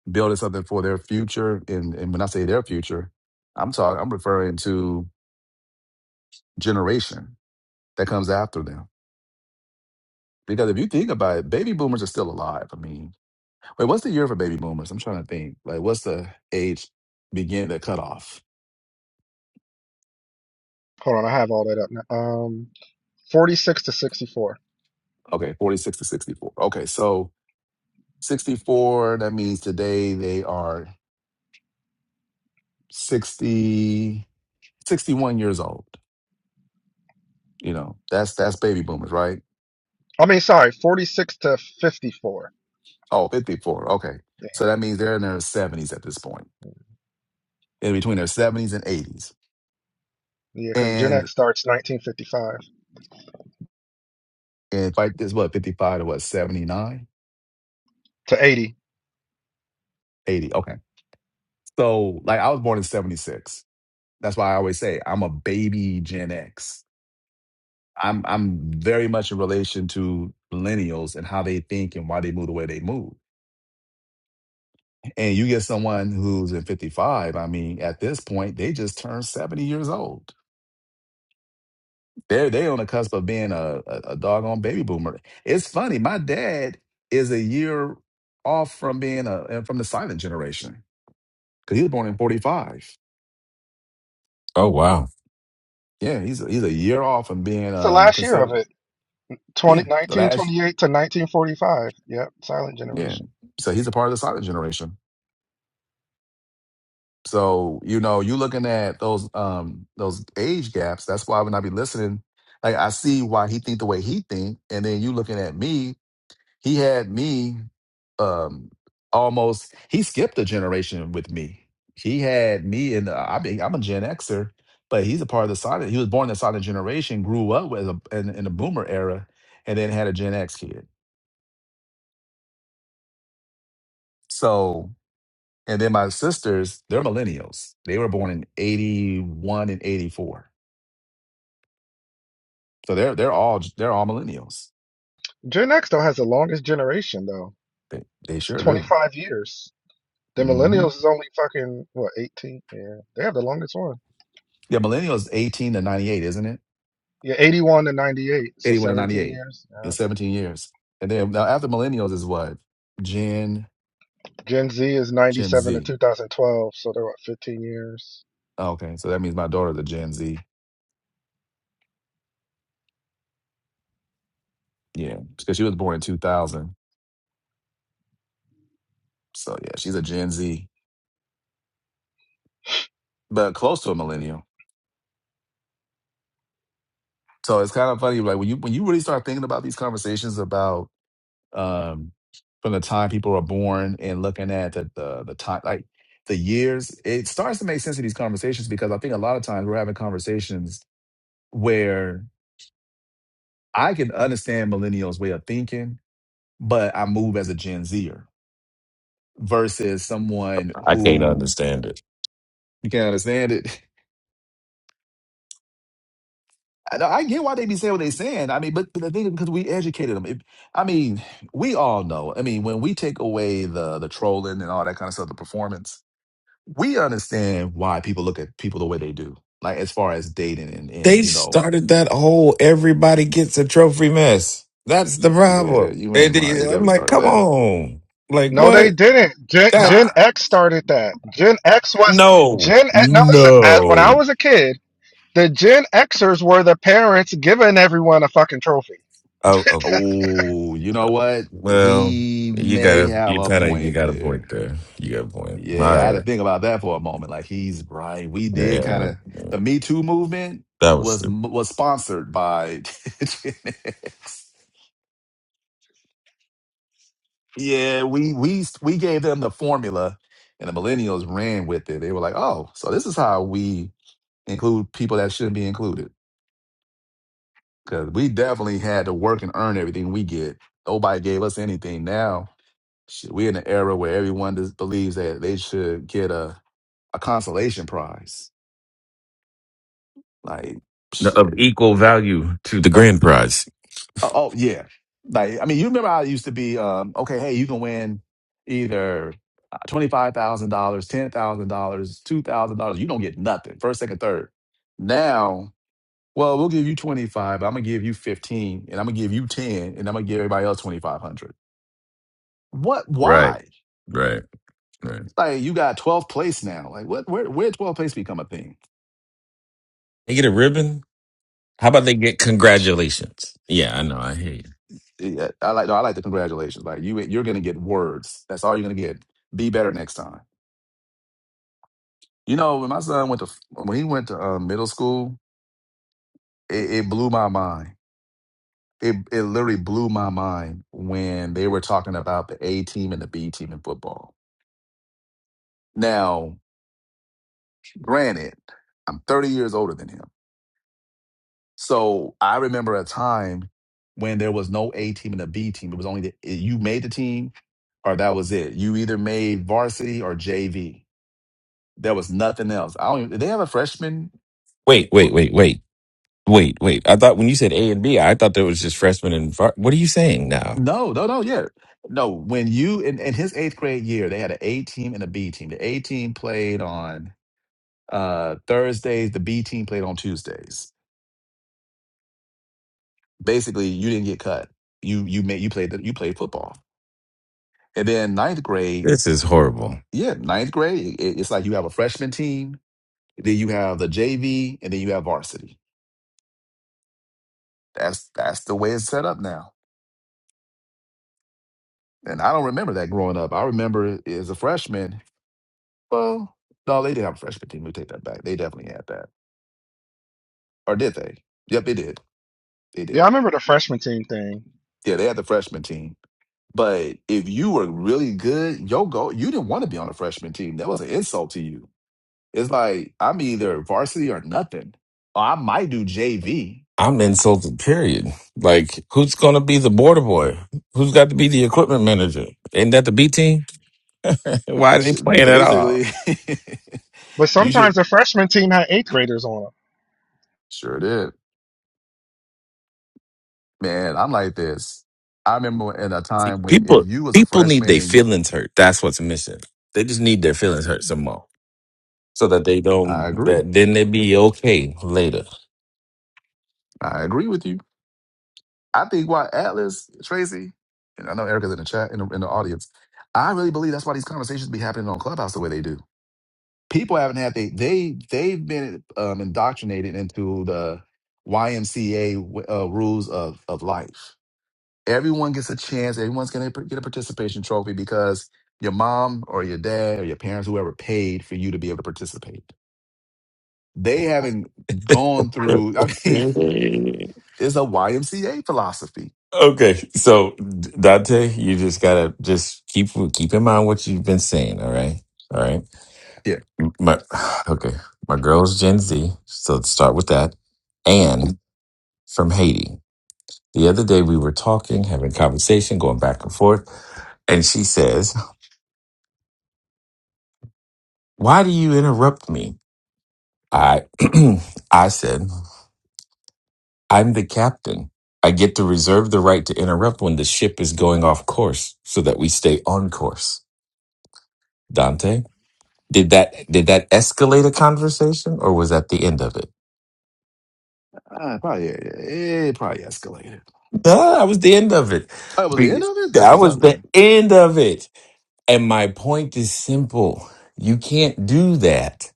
building something for their future. And, and when I say their future, I'm talking, I'm referring to generation that comes after them. Because if you think about it, baby boomers are still alive. I mean, wait, what's the year for baby boomers? I'm trying to think. Like, what's the age begin that cutoff? Hold on, I have all that up now. Um, 46 to 64. Okay, 46 to 64. Okay, so 64, that means today they are 60, 61 years old. You know, that's that's baby boomers, right? I mean, sorry, 46 to 54. Oh, 54. Okay. So that means they're in their 70s at this point, in between their 70s and 80s. Yeah, because Gen And X starts 1955 and like this, what, 55 to what, 79? to 80. 80. Okay. So like I was born in 76. That's why I always say I'm a baby Gen X. I'm I'm very much in relation to millennials and how they think and why they move the way they move And you get someone who's in 55, I mean, at this point, they just turned 70 years old. They're they on the cusp of being a, a, a doggone baby boomer. It's funny, my dad is a year off from being a uh, from the silent generation. Cause he was born in 45. Oh wow, Yeah, he's a, he's a year off from being It's the um last year of considered it. Twenty yeah, the nineteen last twenty eight to 1945. Yep, silent yeah. generation. So he's a part of the silent generation. So you know, you looking at those um those age gaps. That's why when I be listening, like I see why he think the way he think, and then you looking at me. He had me um almost. He skipped a generation with me. He had me in. The, I mean, I'm a Gen Xer, but he's a part of the silent. He was born in the silent generation, grew up with a, in, in the Boomer era, and then had a Gen X kid. So. And then my sisters, they're millennials. They were born in 81 and 84. So they're they're all they're all millennials. Gen X though has the longest generation though. They they It's sure do. 25 years. The hmm millennials is only fucking what 18. Yeah, they have the longest one. Yeah, millennials eighteen to ninety eight, isn't it? Yeah, 81 to 98, so Eighty one to ninety 17 eight. years. Yeah. It's seventeen years, and then now after millennials is what Gen Gen Z is Gen 97 to Z. 2012, so they're what 15 years. Okay, so that means my daughter's a Gen Z. Yeah, because she was born in two thousand. So yeah, she's a Gen Z, but close to a millennial. So it's kind of funny, like when you when you really start thinking about these conversations about um, from the time people are born and looking at the, the the time like the years it starts to make sense of these conversations because i think a lot of times we're having conversations where i can understand millennials way of thinking but i move as a gen zer versus someone I can't who understand it. you can't understand it I, I get why they be saying what they saying. I mean, but, but the thing is, because we educated them. It, I mean, we all know. I mean, when we take away the the trolling and all that kind of stuff, the performance, we understand why people look at people the way they do. Like as far as dating and and They you know, started that whole "everybody gets a trophy" mess. That's the yeah, problem. you And ain't lying. He they- I'm definitely like, started come that. on, like No, they what? didn't. Gen, That Gen Nah. X started that. Gen X was no, Gen. X, no, listen. As, when I no. was a kid, the Gen Xers were the parents giving everyone a fucking trophy. Oh, oh. Oh, you know what? Well, He you got may to have you a kind of you point got a point there. there. You got a point. All Yeah, I had to right. think about that for a moment. Like he's right. We Yeah, did kind yeah, of yeah. the Me Too movement that was was stupid. was sponsored by Gen X. Yeah, we we we gave them the formula, and the millennials ran with it. They were like, "Oh, so this is how we." include people that shouldn't be included. Because we definitely had to work and earn everything we get. Nobody gave us anything. Now shit, we're in an era where everyone just believes that they should get a, a consolation prize. Like No, shit. Of equal value to the Uh, grand prize. uh, oh yeah. Like I mean, you remember how it used to be? Um, okay, hey, you can win either twenty five thousand dollars, ten thousand dollars, two thousand dollars. You don't get nothing. First, second, third. Now Well, we'll give you 25, but I'm gonna give you 15, and I'm gonna give you 10, and I'm gonna give everybody else 2,500. What? Right. Why? Right. Right. Like you got 12th place now. Like what? Where? Where 12th place become a thing? They get a ribbon. How about they get congratulations? Yeah, I know. I hear you. Yeah, I like. No, I like the congratulations. Like you, you're gonna get words. That's all you're gonna get. Be better next time. You know, when my son went to when he went to uh, middle school, it, it blew my mind. It it literally blew my mind when they were talking about the A team and the B team in football. Now, granted, I'm 30 years older than him. So I remember a time when there was no A team and a B team. It was only the, eh, you made the team or that was it. You either made varsity or JV. There was nothing else. I don't. Even, did they have a freshman? Wait. Wait. fo- Wait. Wait. Wait. Wait. I thought when you said A and B, I thought there was just freshmen and. var- What are you saying now? No, no, no. Yeah, no. When you in, in his eighth grade year, they had an A team and a B team. The A team played on uh, Thursdays. The B team played on Tuesdays. Basically, you didn't get cut. You you made you played the- you played football. And then ninth grade, This is horrible. Yeah, ninth grade. It, it's like you have a freshman team, then you have the JV, and then you have varsity. That's that's the way it's set up now. And I don't remember that growing up. I remember as a freshman. Well, no, they did have a freshman team. We take that back. They definitely had that, or did they? Yep, they did. They Yeah, I did. remember the freshman team thing. Yeah, they had the freshman team. But if you were really good, yo, go. You didn't want to be on a freshman team. That was an insult to you. It's like I'm either varsity or nothing. Or I might do JV, I'm insulted. Period. Like, who's gonna be the border boy? Who's got to be the equipment manager? Ain't that the B team? Why are they Sh- playing at all? Basically, But you sometimes should the freshman team had eighth graders on them. sure did. Man, I'm like this. I remember in a See, time when if People you was a people need freshman their and feelings hurt. That's what's missing. They just need their feelings hurt you, some more. So that they I don't agree, that then they be okay later. I agree with you. I think why Atlas Tracy, and I know Erica's in the chat in the, in the audience. I really believe that's why these conversations be happening on Clubhouse the way they do. People haven't had they they they've been um, indoctrinated into the YMCA uh, rules of of life everyone gets a chance. Everyone's going to get a participation trophy because your mom or your dad or your parents, whoever paid for you to be able to participate. They haven't gone through, I mean, okay. it's a YMCA philosophy. Okay. So Dante, you just gotta just keep keep in mind what you've been saying, all right? All right. Yeah. My okay. My girl's Gen Z, so let's start with that. And from Haiti. The other day we were talking, having a conversation, going back and forth, and she says Why do you interrupt me? I I said, I'm the captain. I get to reserve the right to interrupt when the ship is going off course so that we stay on course. Dante, did that did that escalate a conversation or was that the end of it? Uh, probably, Yeah, yeah, yeah, it probably escalated. No, that was the end of it. Oh, it was the Be- end of it? That's That what's was up the then. end of it. And my point is simple. You can't do that.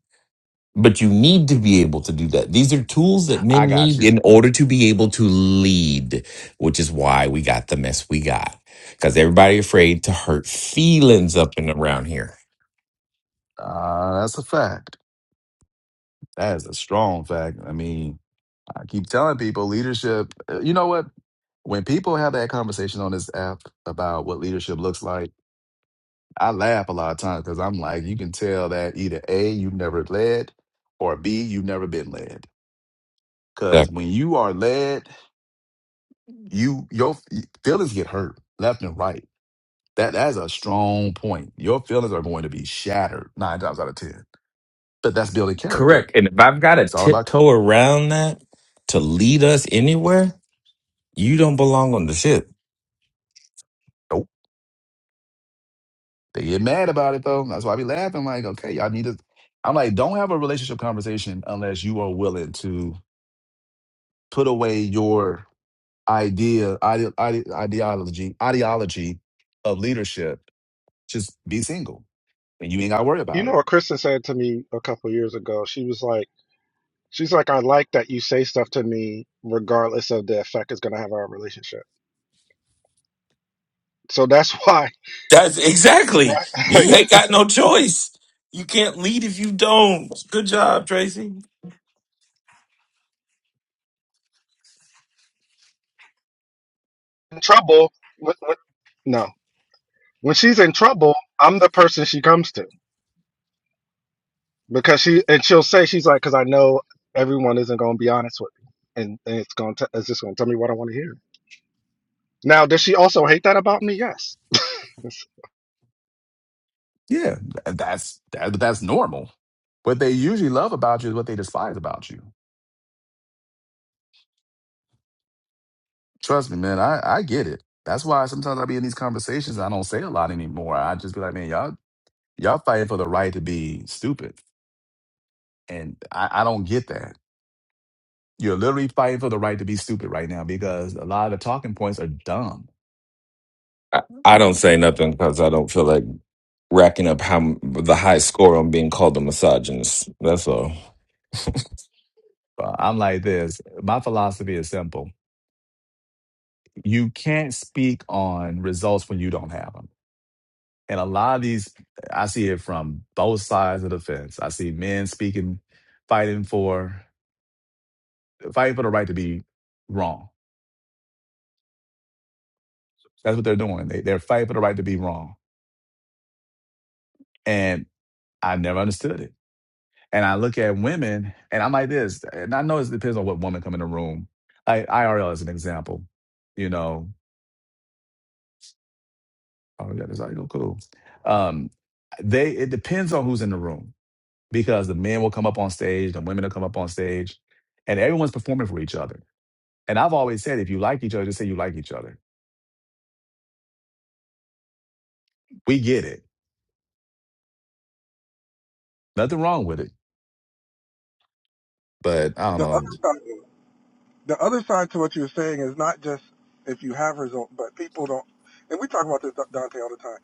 But you need to be able to do that. These are tools that men I got need you. in order to be able to lead, which is why we got the mess we got. Because everybody afraid to hurt feelings up and around here. Uh, that's a fact. That is a strong fact. I mean, I keep telling people leadership, uh, you know what? When people have that conversation on this app about what leadership looks like, I laugh a lot of times because I'm like, you can tell that either A, you've never led, or B, you've never been led. Because That- when you are led, you your feelings get hurt left and right. That that's a strong point. Your feelings are going to be shattered nine times out of ten. But that's building character. correct. And if I've got to It's all about tiptoe around that to lead us anywhere, you don't belong on the ship. nope. They get mad about it though. That's why I be laughing. Like, okay, y'all need to. I'm like, don't have a relationship conversation unless you are willing to put away your idea, ide, ide, ideology, ideology of leadership. Just be single, and you ain't got to worry You about know it. what Kristen said to me a couple years ago? She was like, she's like, I like that you say stuff to me regardless of the effect it's going to have on our relationship. So that's why, That's exactly. You like, Yeah, ain't got no choice. You can't lead if you don't. Good job, Tracy. in trouble, when, when, no, when she's in trouble, I'm the person she comes to because she, and she'll say, she's like, because I know everyone isn't going to be honest with me. And, and it's going to, it's just going to tell me what I want to hear. Now, does she also hate that about me? Yes. yeah, th- that's that, that's normal. What they usually love about you is what they despise about you. Trust me, man. I I get it. That's why sometimes I be in these conversations. And I don't say a lot anymore. I just be like, man, y'all y'all fighting for the right to be stupid, and I, I don't get that. You're literally fighting for the right to be stupid right now because a lot of the talking points are dumb I, I don't say nothing because I don't feel like racking up how m- the high score on being called a misogynist. That's all. Well, I'm like this. My philosophy is simple. You can't speak on results when you don't have them. And a lot of these, I see it from both sides of the fence. I see men speaking, fighting for, fighting for the right to be wrong. That's what they're doing. They, they're fighting for the right to be wrong. And I never understood it. And I look at women and I'm like this, and I know it depends on what woman come in the room. Like IRL is an example. You know, Oh, we got this idol. Cool. Um, they it depends on who's in the room because the men will come up on stage, the women will come up on stage, and everyone's performing for each other. And I've always said, if you like each other, just say you like each other. We get it. Nothing wrong with it. But I don't The other know. side, the other side to what you're saying is not just if you have results, but people don't. And we talk about this Dante all the time.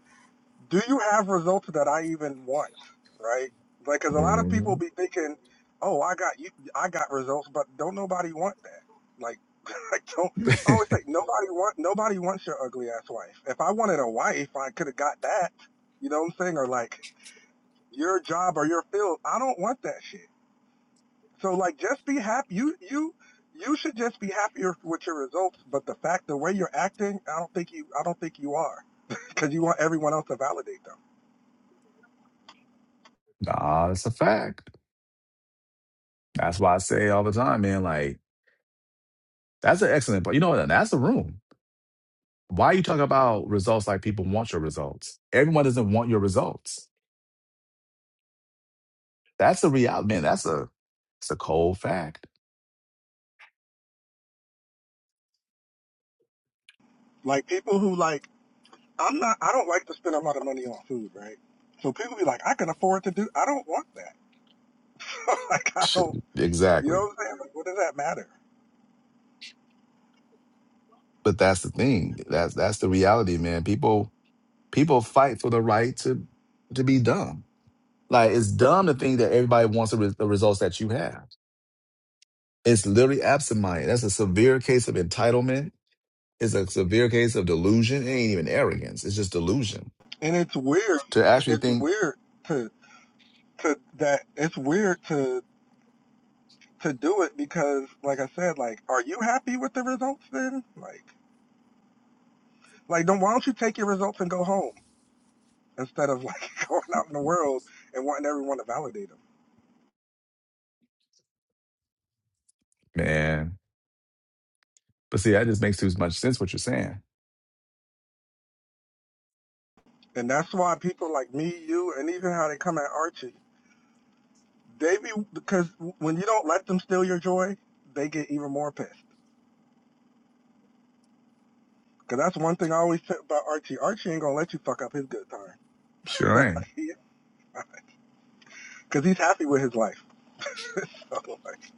do you have results that I even want, right? Like, because a lot of people Mm, be thinking, oh, I got you, I got results, but don't nobody want that. Like, like don't. I always think nobody want nobody wants your ugly ass wife. If I wanted a wife, I could have got that. You know what I'm saying? Or like your job or your field. I don't want that shit. So like, just be happy. You you you should just be happier with your results. But the fact, the way you're acting, I don't think you I don't think you are because you want everyone else to validate them. nah, it's a fact. That's why I say all the time, man. Like that's an excellent. point. you know what? And That's the room. Why you talk about results like people want your results? Everyone doesn't want your results. That's a reality, man. That's a it's a cold fact. Like people who like I'm not. I don't like to spend a lot of money on food, right? So people be like, I can afford to do. I don't want that. like I Shit, don't. You know Exactly. what I'm saying? Like, what does that matter? But that's the thing. That's that's the reality, man. People people fight for the right to to be dumb. Like it's dumb to think that everybody wants the, re- the results that you have. It's literally absent-minded. That's a severe case of entitlement. It's a severe case of delusion. It ain't even arrogance. It's just delusion. And it's weird. To actually It's think, weird to to that. It's weird to to do it because, like I said, like, are you happy with the results then? Like, like, then why don't you take your results and go home instead of like going out in the world and wanting everyone to validate them? man. But see, that just makes too much sense what you're saying. And that's why people like me, you, and even how they come at Archie They be because when you don't let them steal your joy, they get even more pissed. Cause that's one thing I always said about Archie. Archie ain't gonna let you fuck up his good time. Sure ain't. Cause he's happy with his life. So, like,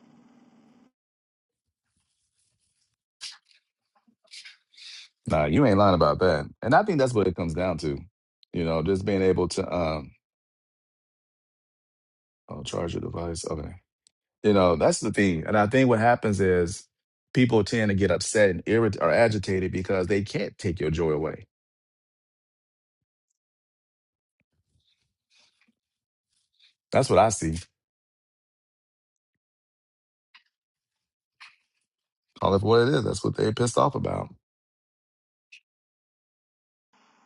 Nah, you ain't lying about that. And I think that's what it comes down to. You know, just being able to um oh, charge your device. Okay. You know, that's the thing. And I think what happens is people tend to get upset and irritated or agitated because they can't take your joy away. That's what I see. Call it for what it is. That's what they're pissed off about.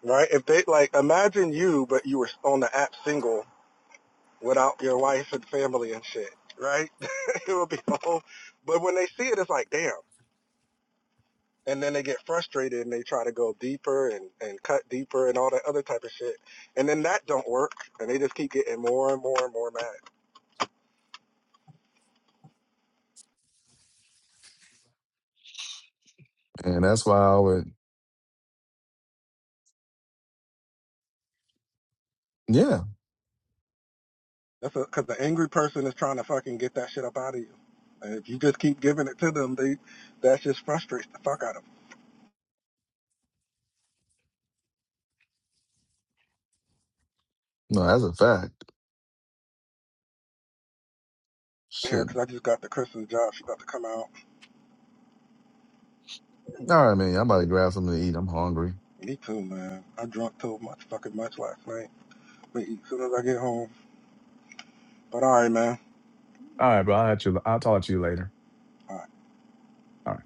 right? If they like, imagine you, but you were on the app single without your wife and family and shit. Right? it would be a whole. But when they see it, it's like, damn. And then they get frustrated and they try to go deeper and and cut deeper and all that other type of shit. And then that don't work, and they just keep getting more and more and more mad. And that's why I would, yeah, That's because the angry person is trying to fucking get that shit up out of you. And if you just keep giving it to them, they that just frustrates the fuck out of them. no, that's a fact. Here, Shit. because I just got the Kristen's job. She about to come out. All right, man. I'm about to grab something to eat. I'm hungry. Me too, man. I drunk too much fucking much last night. We eat soon as I get home. But all right, man. All right, bro. I'll, let you, I'll talk to you later. Alright. All right.